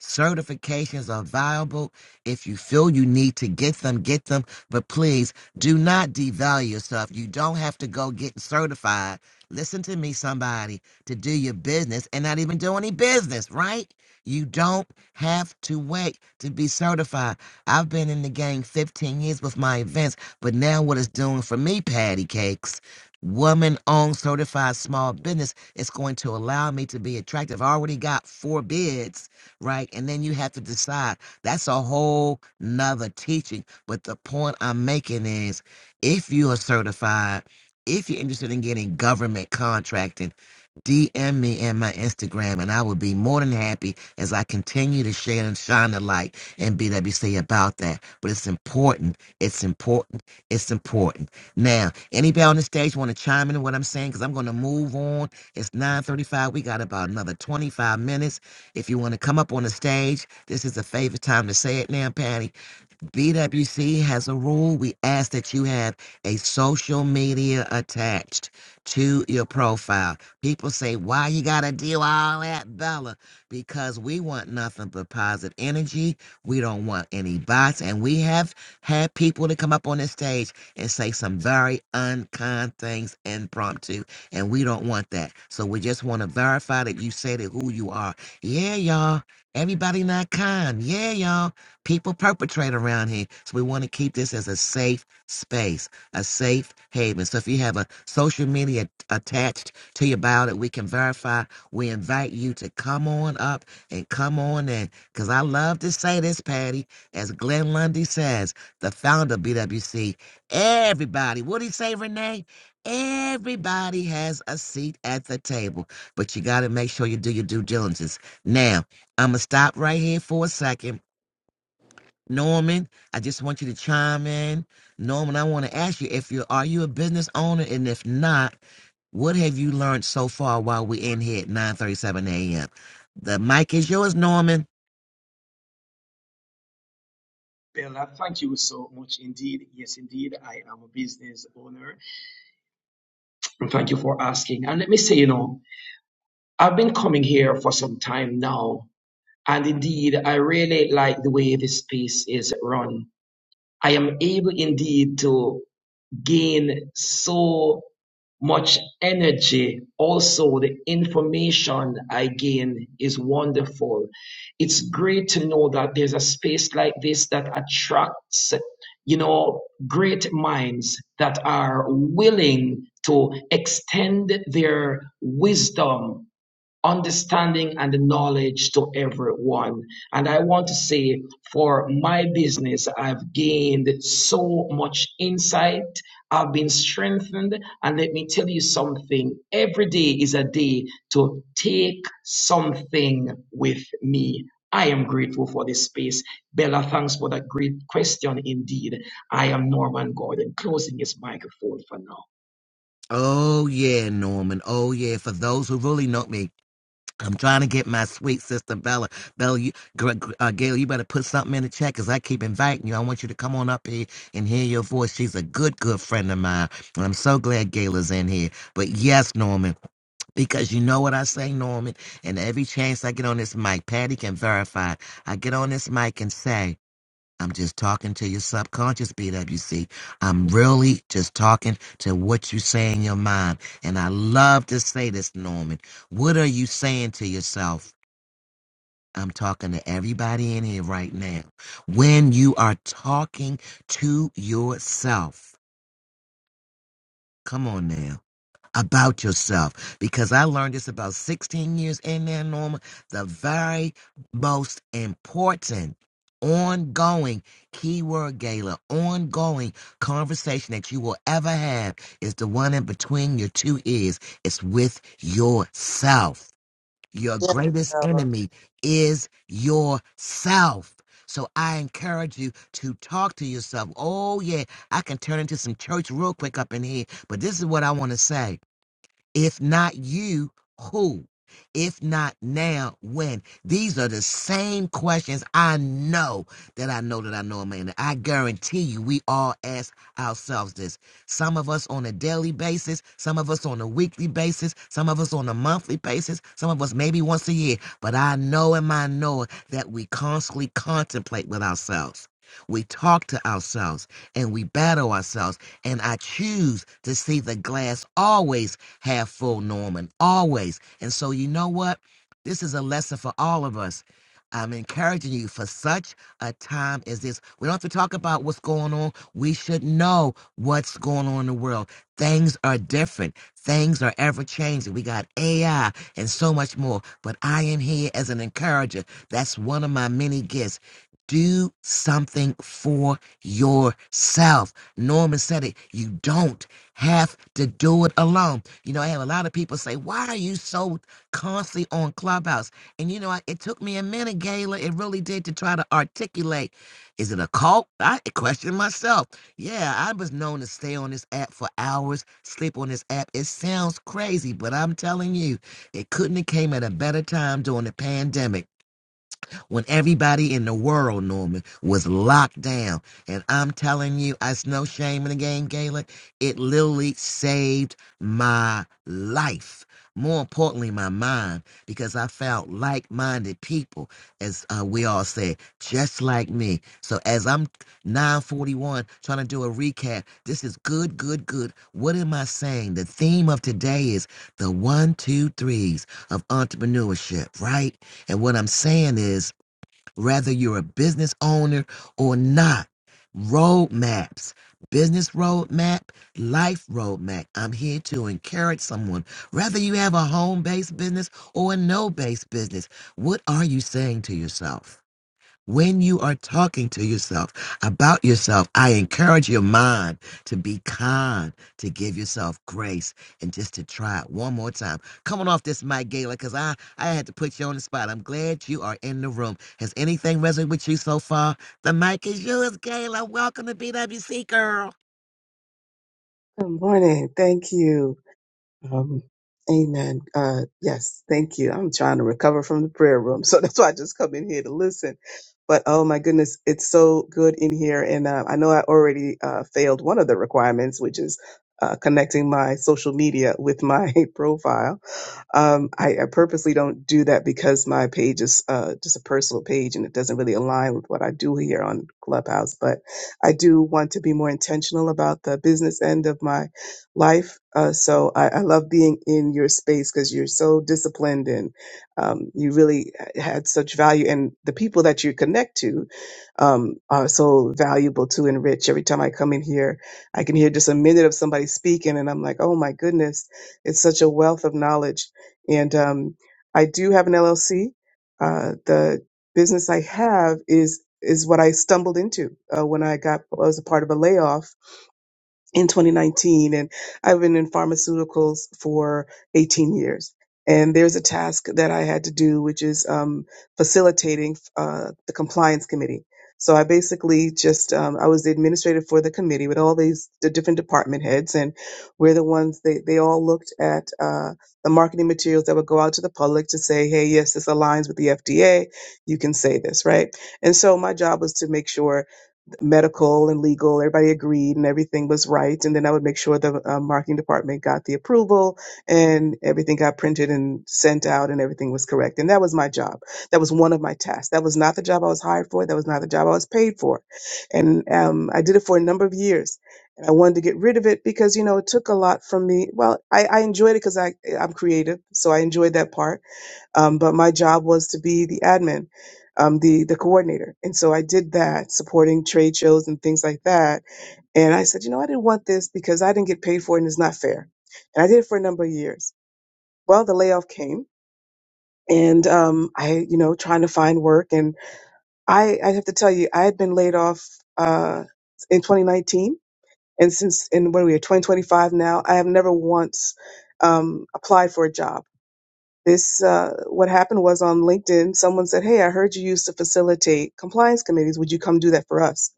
S1: Certifications are viable. If you feel you need to get them, get them. But please do not devalue yourself. You don't have to go get certified. Listen to me, somebody, to do your business and not even do any business, right? You don't have to wait to be certified. I've been in the game 15 years with my events, but now what it's doing for me, Patty Cakes, woman owned certified small business, it's going to allow me to be attractive. I already got four bids right? And then you have to decide. That's a whole nother teaching. But the point I'm making is if you are certified, if you're interested in getting government contracting, DM me and my Instagram, and I will be more than happy as I continue to share and shine the light and BWC about that. But it's important. It's important. It's important. Now, anybody on the stage want to chime in on what I'm saying? Because I'm going to move on. It's 9:35. We got about another 25 minutes. If you want to come up on the stage, this is a favorite time to say it now, Patty. BWC has a rule. We ask that you have a social media attached to your profile. People say, why you got to do all that, Bella? Because we want nothing but positive energy. We don't want any bots. And we have had people to come up on this stage and say some very unkind things impromptu. And we don't want that. So we just want to verify that you said it who you are. Yeah, y'all. Everybody not kind. Yeah, y'all. People perpetrate around here, so we want to keep this as a safe space, a safe haven. So if you have a social media attached to your bio that we can verify, we invite you to come on up and come on in. Because I love to say this, Patty, as Glenn Lundy says, the founder of BWC, everybody, what do you say, Renee? Everybody has a seat at the table, but you got to make sure you do your due diligence. Now, I'm going to stop right here for a second Norman, I just want you to chime in. Norman, I want to ask you if you are you a business owner, and if not, what have you learned so far while we're in here at 9:37 a.m.? The mic is yours, Norman.
S7: Bella, thank you so much indeed. Yes, indeed, I am a business owner And thank you for asking. And let me say, you know, I've been coming here for some time now. And indeed, I really like the way this space is run. I am able indeed to gain so much energy. Also, the information I gain is wonderful. It's great to know that there's a space like this that attracts, you know, great minds that are willing to extend their wisdom understanding and the knowledge to everyone. And I want to say for my business, I've gained so much insight. I've been strengthened. And let me tell you something every day is a day to take something with me. I am grateful for this space. Bella, thanks for that great question indeed. I am Norman Gordon, closing his microphone for now.
S1: Oh yeah, Norman. Oh yeah. For those who really know me, I'm trying to get my sweet sister Bella. Bella, you, Gr- Gr- uh, Gail, you better put something in the chat because I keep inviting you. I want you to come on up here and hear your voice. She's a good, good friend of mine, and I'm so glad Gail is in here. But yes, Norman. Because you know what I say, Norman, and every chance I get on this mic, Patty can verify. I get on this mic and say, I'm just talking to your subconscious, BWC. I'm really just talking to what you say in your mind. And I love to say this, Norman. What are you saying to yourself? I'm talking to everybody in here right now. When you are talking to yourself, come on now. about yourself because I learned this about 16 years in there, Norma. The very most important ongoing keyword gala, ongoing conversation that you will ever have is the one in between your two ears. It's with yourself. Your
S6: Yes,
S1: greatest
S6: Bella.
S1: enemy is yourself. So I encourage you to talk to yourself. Oh, yeah, I can turn into some church real quick up in here, but this is what I want to say if not you, who? If not now, when? These are the same questions I know that I know that I know, Amanda. I guarantee you, we all ask ourselves this. Some of us on a daily basis, some of us on a weekly basis, some of us on a monthly basis, some of us maybe once a year. But I know in my know that we constantly contemplate with ourselves. We talk to ourselves and we battle ourselves. And I choose to see the glass always have full Norman, always. And so, you know what? This is a lesson for all of us. I'm encouraging you for such a time as this. We don't have to talk about what's going on. We should know what's going on in the world. Things are different. Things are ever changing. We got AI and so much more. But I am here as an encourager. That's one of my many gifts. Do something for yourself. Norman said it. You don't have to do it alone. You know, I have a lot of people say, Why are you so constantly on Clubhouse? And you know, I, it took me a minute, Gayla. It really did to try to articulate. Is it a cult? I questioned myself. Yeah, I was known to stay on this app for hours, sleep on this app. It sounds crazy, but I'm telling you, it couldn't have came at a better time during the pandemic when everybody in the world, Norman, was locked down. And I'm telling you, it's no shame in the game, Gaelic. It literally saved my life. More importantly, my mind, because I found like minded people, as uh, we all said, just like me. So, as I'm 941 trying to do a recap, this is good, good, good. What am I saying? The theme of today is the one, two, threes of entrepreneurship, right? And what I'm saying is whether you're a business owner or not. Roadmaps, business roadmap, life roadmap. I'm here to encourage someone. Whether you have a home based business or a no based business, what are you saying to yourself? When you are talking to yourself about yourself, I encourage your mind to be kind, to give yourself grace, and just to try it one more time. Coming off this mic, Gala, because I, I had to put you on the spot. I'm glad you are in the room. Has anything resonated with you so far? The mic is yours, Gala. Welcome to BWC, girl.
S8: Good morning. Thank you. Um, amen. Uh, yes, thank you. I'm trying to recover from the prayer room, so that's why I just come in here to listen. But oh my goodness, it's so good in here, and uh, I know I already uh, failed one of the requirements, which is uh, connecting my social media with my profile um, I, I purposely don't do that because my page is uh, just a personal page and it doesn't really align with what I do here on Clubhouse. But I do want to be more intentional about the business end of my life. Uh, so I, I love being in your space because you're so disciplined and um, you really had such value. And the people that you connect to um, are so valuable to enrich. Every time I come in here, I can hear just a minute of somebody speaking, and I'm like, oh my goodness, it's such a wealth of knowledge and um, I do have an LLC. Uh, the business I have is is what I stumbled into uh, when I got I was a part of a layoff in 2019 and I've been in pharmaceuticals for 18 years. And there's a task that I had to do, which is um, facilitating uh, the compliance committee. So I basically just um, I was the administrator for the committee with all these the different department heads, and we're the ones they they all looked at uh, the marketing materials that would go out to the public to say, hey, yes, this aligns with the FDA. You can say this, right? And so my job was to make sure medical and legal, everybody agreed and everything was right. And then I would make sure the uh, marketing department got the approval and everything got printed and sent out and everything was correct. And that was my job. That was one of my tasks. That was not the job I was hired for. That was not the job I was paid for. And um, I did it for a number of years. And I wanted to get rid of it because, you know, it took a lot from me. Well, I, I enjoyed it because I, I'm creative. So I enjoyed that part um, but my job was to be the admin, um, the the coordinator, and so I did that, supporting trade shows and things like that. And I said, you know, I didn't want this because I didn't get paid for it, and it's not fair. And I did it for a number of years. Well, the layoff came, and um, I, you know, trying to find work, and I, I have to tell you, I had been laid off uh, in 2019, and since in what are we, 2025 now, I have never once um, applied for a job. This uh, what happened was on LinkedIn. Someone said, "Hey, I heard you used to facilitate compliance committees. Would you come do that for us?"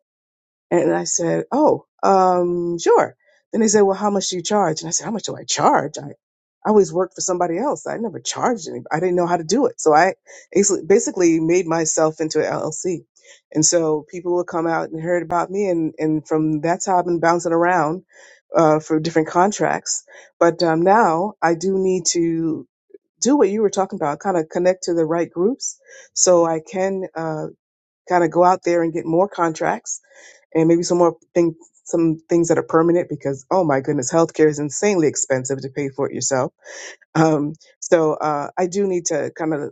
S8: And I said, "Oh, um, sure." Then they said, "Well, how much do you charge?" And I said, "How much do I charge? I, I always worked for somebody else. I never charged anybody. I didn't know how to do it, so I basi- basically made myself into an LLC." And so people would come out and heard about me, and and from that's how I've been bouncing around uh, for different contracts. But um, now I do need to do what you were talking about, kind of connect to the right groups so I can uh, kind of go out there and get more contracts and maybe some more thing, some things that are permanent because, oh my goodness, healthcare is insanely expensive to pay for it yourself. Um, so uh, I do need to kind of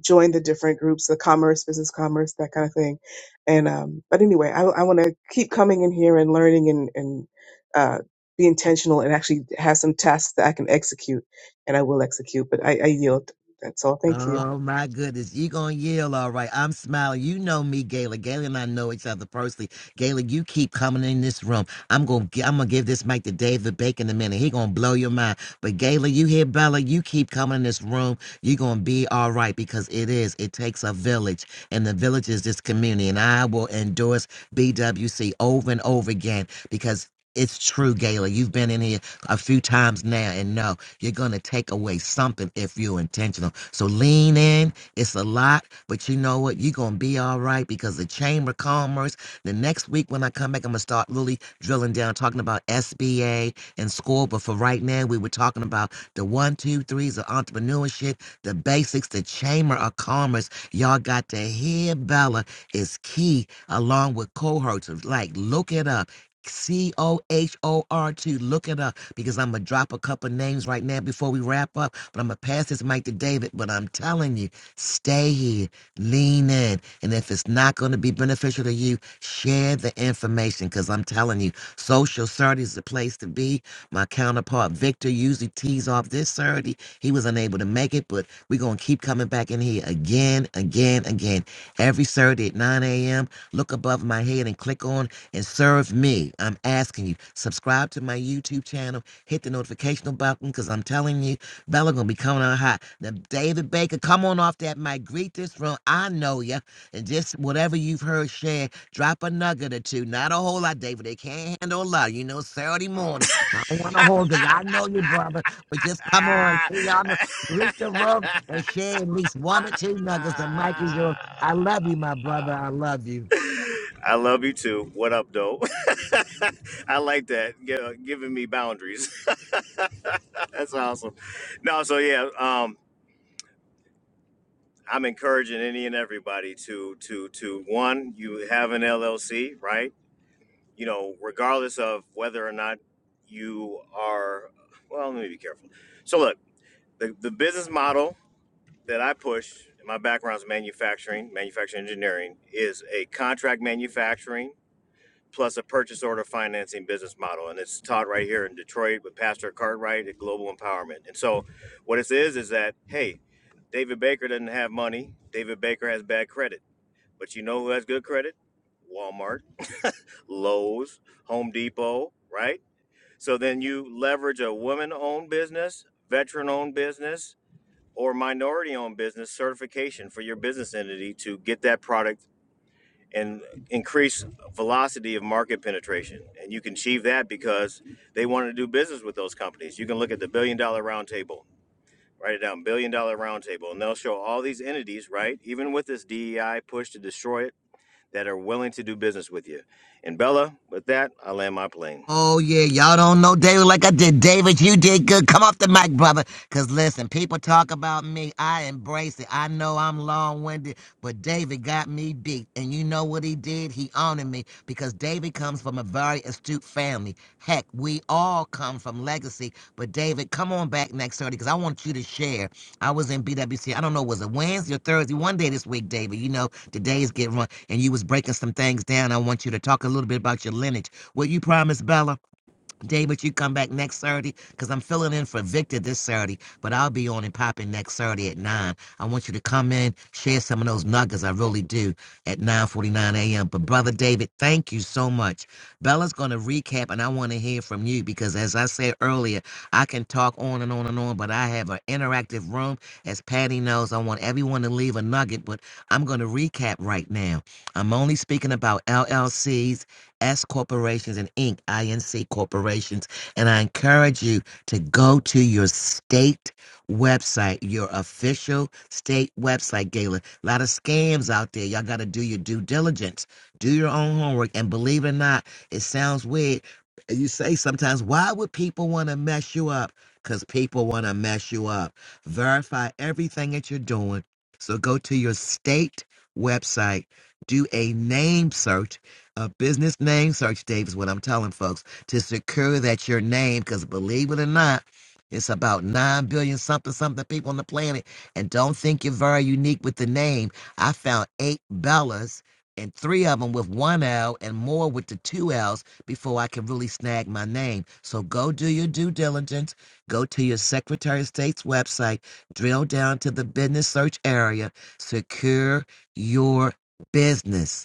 S8: join the different groups, the commerce, business commerce, that kind of thing. And um, but anyway, I, I want to keep coming in here and learning and and uh, be intentional and actually have some tasks that I can execute, and I will execute. But I, I yield. That's all. Thank you.
S1: Oh my goodness, you gonna yell, all right. I'm smiling. You know me, Gayla. Gayla and I know each other personally. Gayla, you keep coming in this room. I'm gonna gi- I'm gonna give this mic to David Bacon in a minute. He gonna blow your mind. But Gayla, you hear Bella, you keep coming in this room. you gonna be all right because it is. It takes a village, and the village is this community. And I will endorse BWC over and over again because it's true, Gayla. You've been in here a few times now and no. You're going to take away something if you're intentional. So lean in. It's a lot, but you know what? You're going to be all right because the Chamber of Commerce, the next week when I come back, I'm going to start really drilling down, talking about SBA and SCORE. But for right now, we were talking about the one, two, threes of entrepreneurship, the basics, the Chamber of Commerce. Y'all got to hear Bella is key along with cohorts. Like, look it up. C O H O R T. Look it up because I'm going to drop a couple names right now before we wrap up. But I'm going to pass this mic to David. But I'm telling you, stay here, lean in. And if it's not going to be beneficial to you, share the information because I'm telling you, social Saturday is the place to be. My counterpart, Victor, usually tees off this Saturday. He was unable to make it, but we're going to keep coming back in here again, again, again. Every Saturday at 9 a.m., look above my head and click on and serve me. I'm asking you, subscribe to my YouTube channel Hit the notification button because I'm telling you, Bella gonna be coming on hot. Now, David Baker, come on off that mic. Greet this room. I know ya. And just whatever you've heard share. drop a nugget or two. Not a whole lot, David. They can't handle a lot. You know, Saturday morning. I don't want to hold it. I know you, brother. But just come on. See y'all. Greet the room and share at least one or two nuggets. The mic is yours. I love you, my brother. I love you.
S9: I love you too. What up, though? I like that. Gi- uh, giving me boundaries. That's awesome. No, so yeah, um, I'm encouraging any and everybody to to to one, you have an LLC, right? You know, regardless of whether or not you are. Well, let me be careful. So look, the, the business model that I push. My background is manufacturing, manufacturing engineering, is a contract manufacturing plus a purchase order financing business model. And it's taught right here in Detroit with Pastor Cartwright at Global Empowerment. And so what this is is that, hey, David Baker doesn't have money. David Baker has bad credit. But you know who has good credit? Walmart, Lowe's, Home Depot, right? So then you leverage a woman owned business, veteran owned business, or minority owned business certification for your business entity to get that product and increase velocity of market penetration. And you can achieve that because they want to do business with those companies. You can look at the billion dollar roundtable, write it down, billion dollar roundtable, and they'll show all these entities, right? Even with this DEI push to destroy it, that are willing to do business with you. And Bella, with that, I land my plane.
S1: Oh yeah, y'all don't know David like I did. David, you did good. Come off the mic, brother. Cause listen, people talk about me. I embrace it. I know I'm long-winded, but David got me beat. And you know what he did? He honored me because David comes from a very astute family. Heck, we all come from legacy. But David, come on back next Thursday because I want you to share. I was in BWC. I don't know, was it Wednesday or Thursday? One day this week, David. You know, the days get run, and you was breaking some things down. I want you to talk a little bit about your lineage Will you promise, Bella? David, you come back next Saturday because I'm filling in for Victor this Saturday, but I'll be on and popping next Saturday at 9. I want you to come in, share some of those nuggets. I really do at 9.49 a.m. But, Brother David, thank you so much. Bella's going to recap, and I want to hear from you because, as I said earlier, I can talk on and on and on, but I have an interactive room. As Patty knows, I want everyone to leave a nugget, but I'm going to recap right now. I'm only speaking about LLCs S corporations and Inc., INC corporations. And I encourage you to go to your state website, your official state website, Gala. A lot of scams out there. Y'all got to do your due diligence, do your own homework. And believe it or not, it sounds weird. You say sometimes, why would people want to mess you up? Because people want to mess you up. Verify everything that you're doing. So go to your state website, do a name search a business name search, Dave, is what I'm telling folks to secure that your name, because believe it or not, it's about 9 billion something something people on the planet. And don't think you're very unique with the name. I found eight Bellas and three of them with one L and more with the two L's before I can really snag my name. So go do your due diligence. Go to your Secretary of State's website, drill down to the business search area, secure your business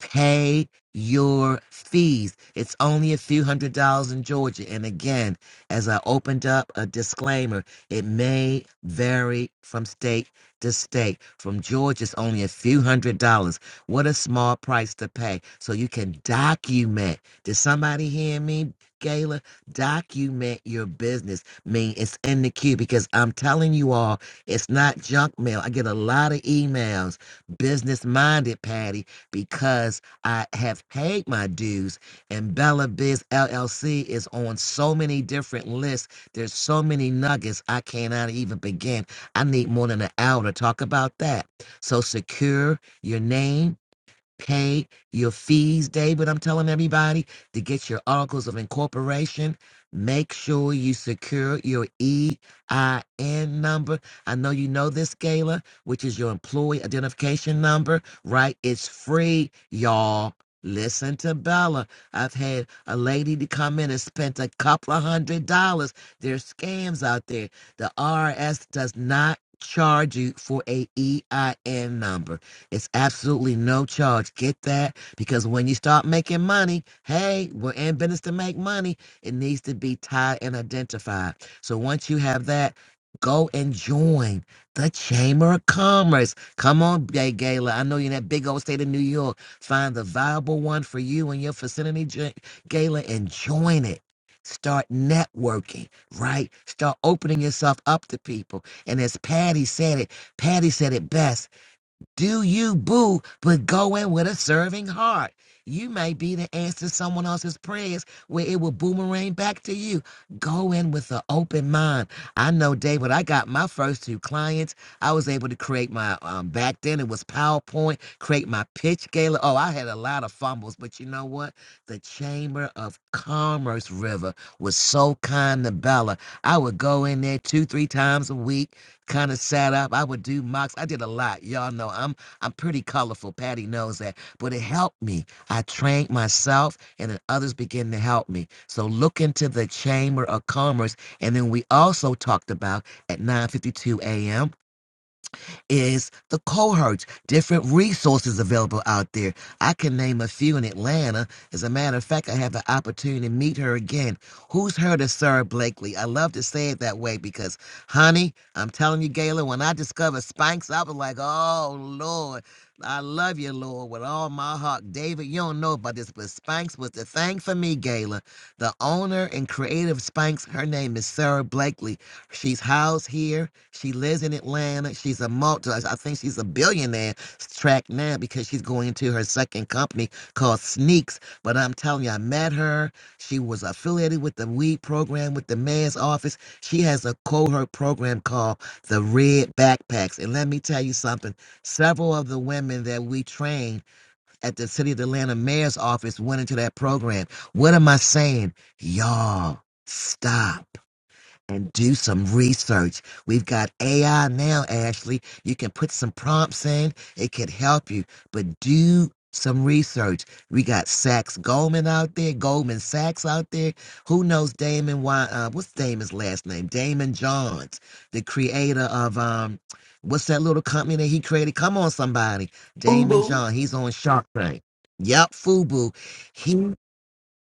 S1: pay your fees. It's only a few hundred dollars in Georgia. And again, as I opened up a disclaimer, it may vary from state to state. From Georgia, it's only a few hundred dollars. What a small price to pay. So you can document. Did somebody hear me? Gayla, document your business. I mean, it's in the queue because I'm telling you all, it's not junk mail. I get a lot of emails business minded, Patty because I have paid my dues. And Bella Biz LLC is on so many different lists. There's so many nuggets I cannot even begin. I need more than an hour to talk about that. So secure your name Pay your fees, David. I'm telling everybody to get your articles of incorporation. Make sure you secure your EIN number. I know you know this, Gala, which is your employee identification number, right? It's free, y'all. Listen to Bella. I've had a lady to come in and spent a couple of hundred dollars. There's scams out there. The RS does not charge you for a EIN number. It's absolutely no charge. Get that? Because when you start making money, hey, we're in business to make money. It needs to be tied and identified. So once you have that, go and join the Chamber of Commerce. Come on, Gay Gala. I know you're in that big old state of New York. Find the viable one for you and your vicinity, Ja- Gala, and join it. Start networking, right? Start opening yourself up to people. And as Patty said it, Patty said it best. Do you boo, but go in with a serving heart. You may be the answer to someone else's prayers where it will boomerang back to you. Go in with an open mind. I know, Dave, when I got my first two clients, I was able to create my, um, back then it was PowerPoint, create my pitch gala. Oh, I had a lot of fumbles, but you know what? The Chamber of Commerce River was so kind to Bella. I would go in there two, three times a week kind of sat up. I would do mocks. I did a lot. Y'all know I'm I'm pretty colorful. Patty knows that. But it helped me. I trained myself and then others began to help me. So look into the Chamber of Commerce. And then we also talked about at 9:52 a.m is the cohorts, different resources available out there. I can name a few in Atlanta. As a matter of fact, I have the opportunity to meet her again. Who's heard of Sarah Blakely? I love to say it that way because, honey, I'm telling you, Gayla, when I discovered Spanx, I was like, oh, Lord. I love you, Lord, with all my heart. David, you don't know about this, but Spanx was the thing for me, Gayla. The owner and creator of Spanx, her name is Sarah Blakely. She's housed here. She lives in Atlanta. She's a multi, I think she's a billionaire track now because she's going into her second company called Sneaks. But I'm telling you, I met her. She was affiliated with the weed program with the mayor's office. She has a cohort program called the Red Backpacks. And let me tell you something several of the women that we trained at the City of Atlanta mayor's office went into that program. What am I saying? Y'all, stop and do some research. We've got AI now, Ashley. You can put some prompts in, it can help you, but do some research. We got Sachs Goldman out there, Goldman Sachs out there. Who knows Damon? Why? Uh, what's Damon's last name? Damon Johns, the creator of um, what's that little company that he created? Come on, somebody, Damon John. He's on Shark Tank. Yep, Fubu. He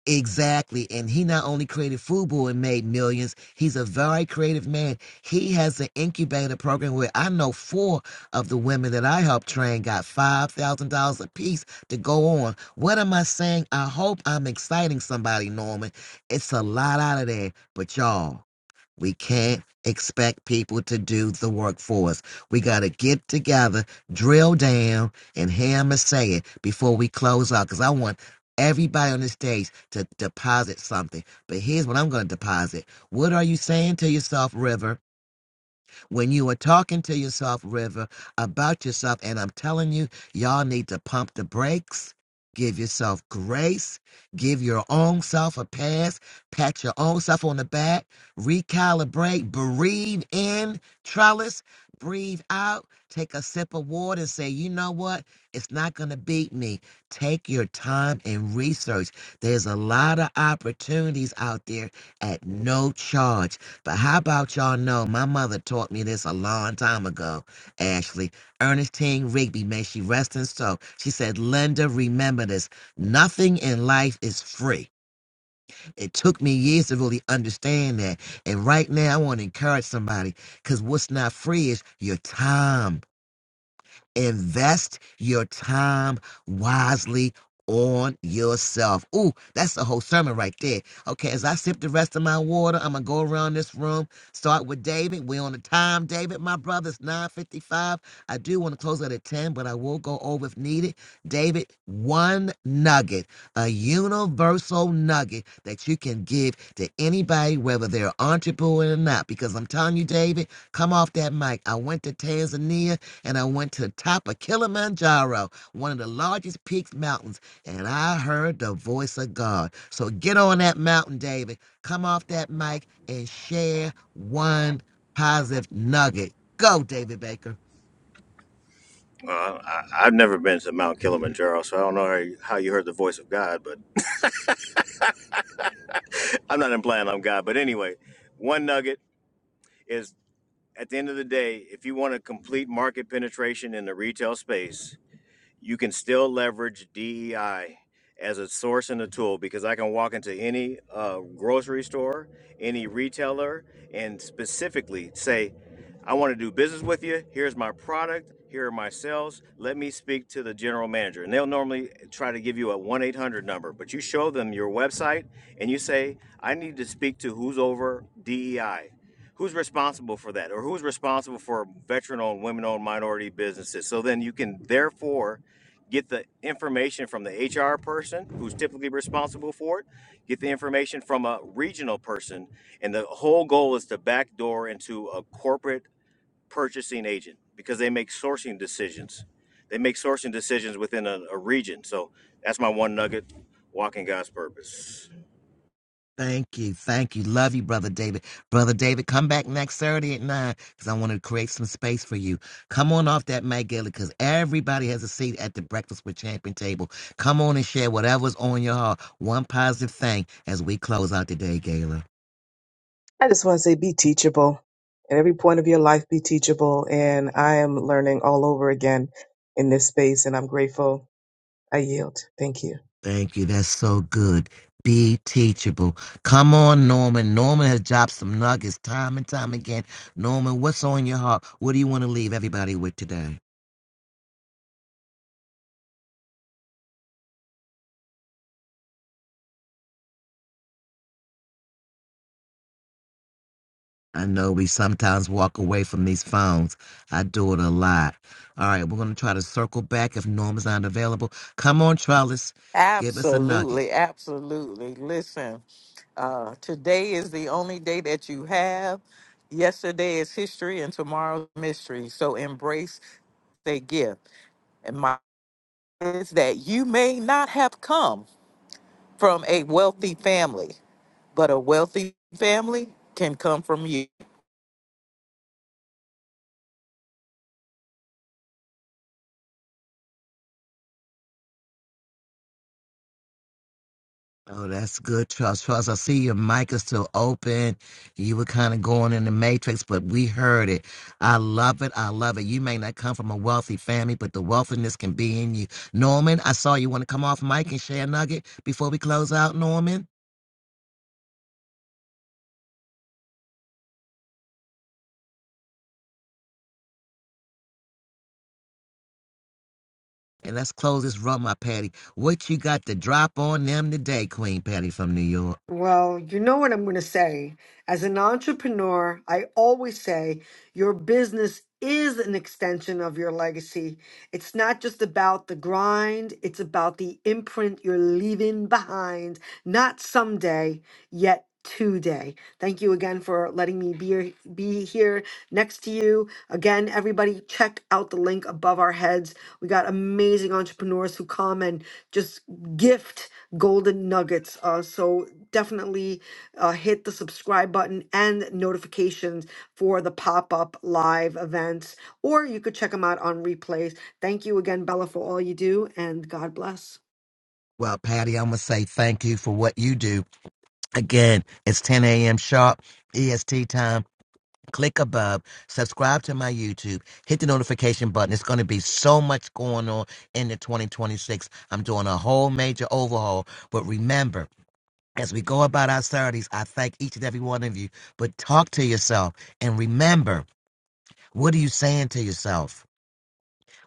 S1: Exactly. And he not only created Fubu and made millions, he's a very creative man. He has an incubator program where I know four of the women that I helped train got $5,000 apiece to go on. What am I saying? I hope I'm exciting somebody, Norman. It's a lot out of there. But y'all, we can't expect people to do the work for us. We got to get together, drill down, and hammer say it before we close out. Because I want everybody on the stage to deposit something. But here's what I'm going to deposit. What are you saying to yourself, River? when you are talking to yourself, River, about yourself. And I'm telling you, y'all need to pump the brakes. Give yourself grace. Give your own self a pass. Pat your own self on the back. Recalibrate. Breathe in, trellis. Breathe out. Take a sip of water and say, you know what? It's not going to beat me. Take your time and research. There's a lot of opportunities out there at no charge but how about y'all know my mother taught me this a long time ago, Ashley. Ernestine Rigby, may she rest in soul. She said, Linda, remember this. Nothing in life is free. It took me years to really understand that. And right now I want to encourage somebody because what's not free is your time. Invest your time wisely on yourself. Ooh, that's the whole sermon right there. Okay, as I sip the rest of my water, I'm gonna go around this room. Start with David. We're on the time, David. My brother's 9:55. I do want to close out at 10, but I will go over if needed. David, one nugget, a universal nugget that you can give to anybody, whether they're an entrepreneur or not. Because I'm telling you, David, come off that mic. I went to Tanzania and I went to the top of Kilimanjaro, one of the largest peaks mountains, and I heard the voice of God. So get on that mountain, David. Come off that mic and share one positive nugget. Go, David Baker.
S9: Uh, I, I've never been to Mount Kilimanjaro, so I don't know how you, how you heard the voice of God, but I'm not implying I'm God. But anyway, one nugget is. at the end of the day, if you want to complete market penetration in the retail space, you can still leverage DEI as a source and a tool because I can walk into any uh, grocery store, any retailer, and specifically say, I want to do business with you. Here's my product. Here are my sales. Let me speak to the general manager. And they'll normally try to give you a 1 800 number, but you show them your website and you say, I need to speak to who's over DEI who's responsible for that or who's responsible for veteran owned women owned minority businesses so then you can therefore get the information from the HR person who's typically responsible for it, get the information from a regional person, and the whole goal is to backdoor into a corporate purchasing agent because they make sourcing decisions. They make sourcing decisions within a, a region. So that's my one nugget, walking God's purpose.
S1: Thank you. Thank you. Love you, Brother David. Brother David, come back next Saturday at 9 because I want to create some space for you. Come on off that Matt Gala because everybody has a seat at the Breakfast with Champion table. Come on and share whatever's on your heart. One positive thing as we close out today, Gala.
S8: I just want to say, be teachable. At every point of your life, be teachable. And I am learning all over again in this space, and I'm grateful. I yield. Thank you.
S1: Thank you. That's so good. Be teachable. Come on, Norman. Norman has dropped some nuggets time and time again. Norman, what's on your heart? What do you want to leave everybody with today? I know we sometimes walk away from these phones. I do it a lot. All right, we're going to try to circle back if Norma's not available. Come on, Trellis. Give us a nugget.
S3: Absolutely, absolutely. Listen, uh, today is the only day that you have. Yesterday is history and tomorrow's mystery. So embrace they give. And my is that you may not have come from a wealthy family, but a wealthy family can come from you.
S1: Oh, that's good, Trellis. Trellis, I see your mic is still open. You were kind of going in the matrix, but we heard it. I love it. I love it. You may not come from a wealthy family, but the wealthiness can be in you. Norman, I saw you want to come off mic and share a nugget before we close out, Norman. And let's close this rum up, Patty. What you got to drop on them today, Queen Patty from New York?
S5: Well, you know what I'm going to say. As an entrepreneur, I always say your business is an extension of your legacy. It's not just about the grind, it's about the imprint you're leaving behind, not someday, yet today. Thank you again for letting letting me be, be here next to you. Again, everybody, check out the link above our heads. We got amazing entrepreneurs who come and just gift golden nuggets. Uh, so definitely uh, hit the subscribe button and notifications for the pop up live events, or you could check them out on replays. Thank you again, Bella, for all you do, and God bless.
S1: Well, Patty, I'm going to say thank you for what you do. Again, it's 10 a.m. sharp, EST time. Click above, subscribe to my YouTube, hit the notification button. It's going to be so much going on in the 2026. I'm doing a whole major overhaul. But remember, as we go about our Saturdays, I thank each and every one of you. But talk to yourself and remember, what are you saying to yourself?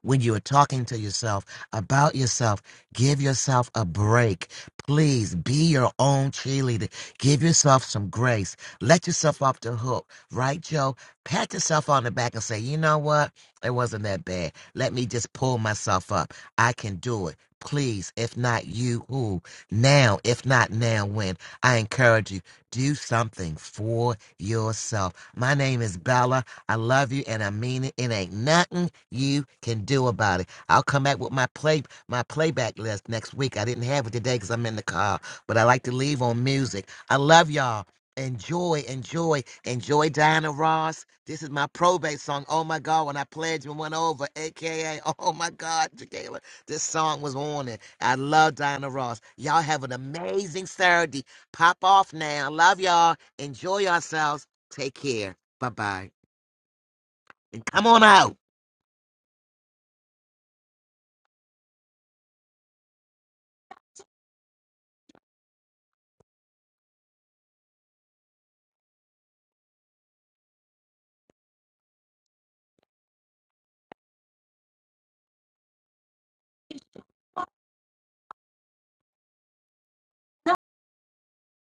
S1: when you are talking to yourself about yourself. Give yourself a break. Please be your own cheerleader. Give yourself some grace. Let yourself off the hook, right, Joe? Pat yourself on the back and say, you know what? It wasn't that bad. Let me just pull myself up. I can do it. Please, if not you, who? Now, if not now, when? I encourage you, do something for yourself. My name is Bella. I love you and I mean it. It ain't nothing you can do about it. I'll come back with my play my playback list next week. I didn't have it today because I'm in the car, but I like to leave on music. I love y'all. Enjoy, enjoy, enjoy Diana Ross. This is my probate song. Oh my God, when I pledged and went over, aka Oh my God, Jacqueline. This song was on it. I love Diana Ross. Y'all have an amazing Saturday. Pop off now. Love y'all. Enjoy yourselves. Take care. Bye bye. And come on out.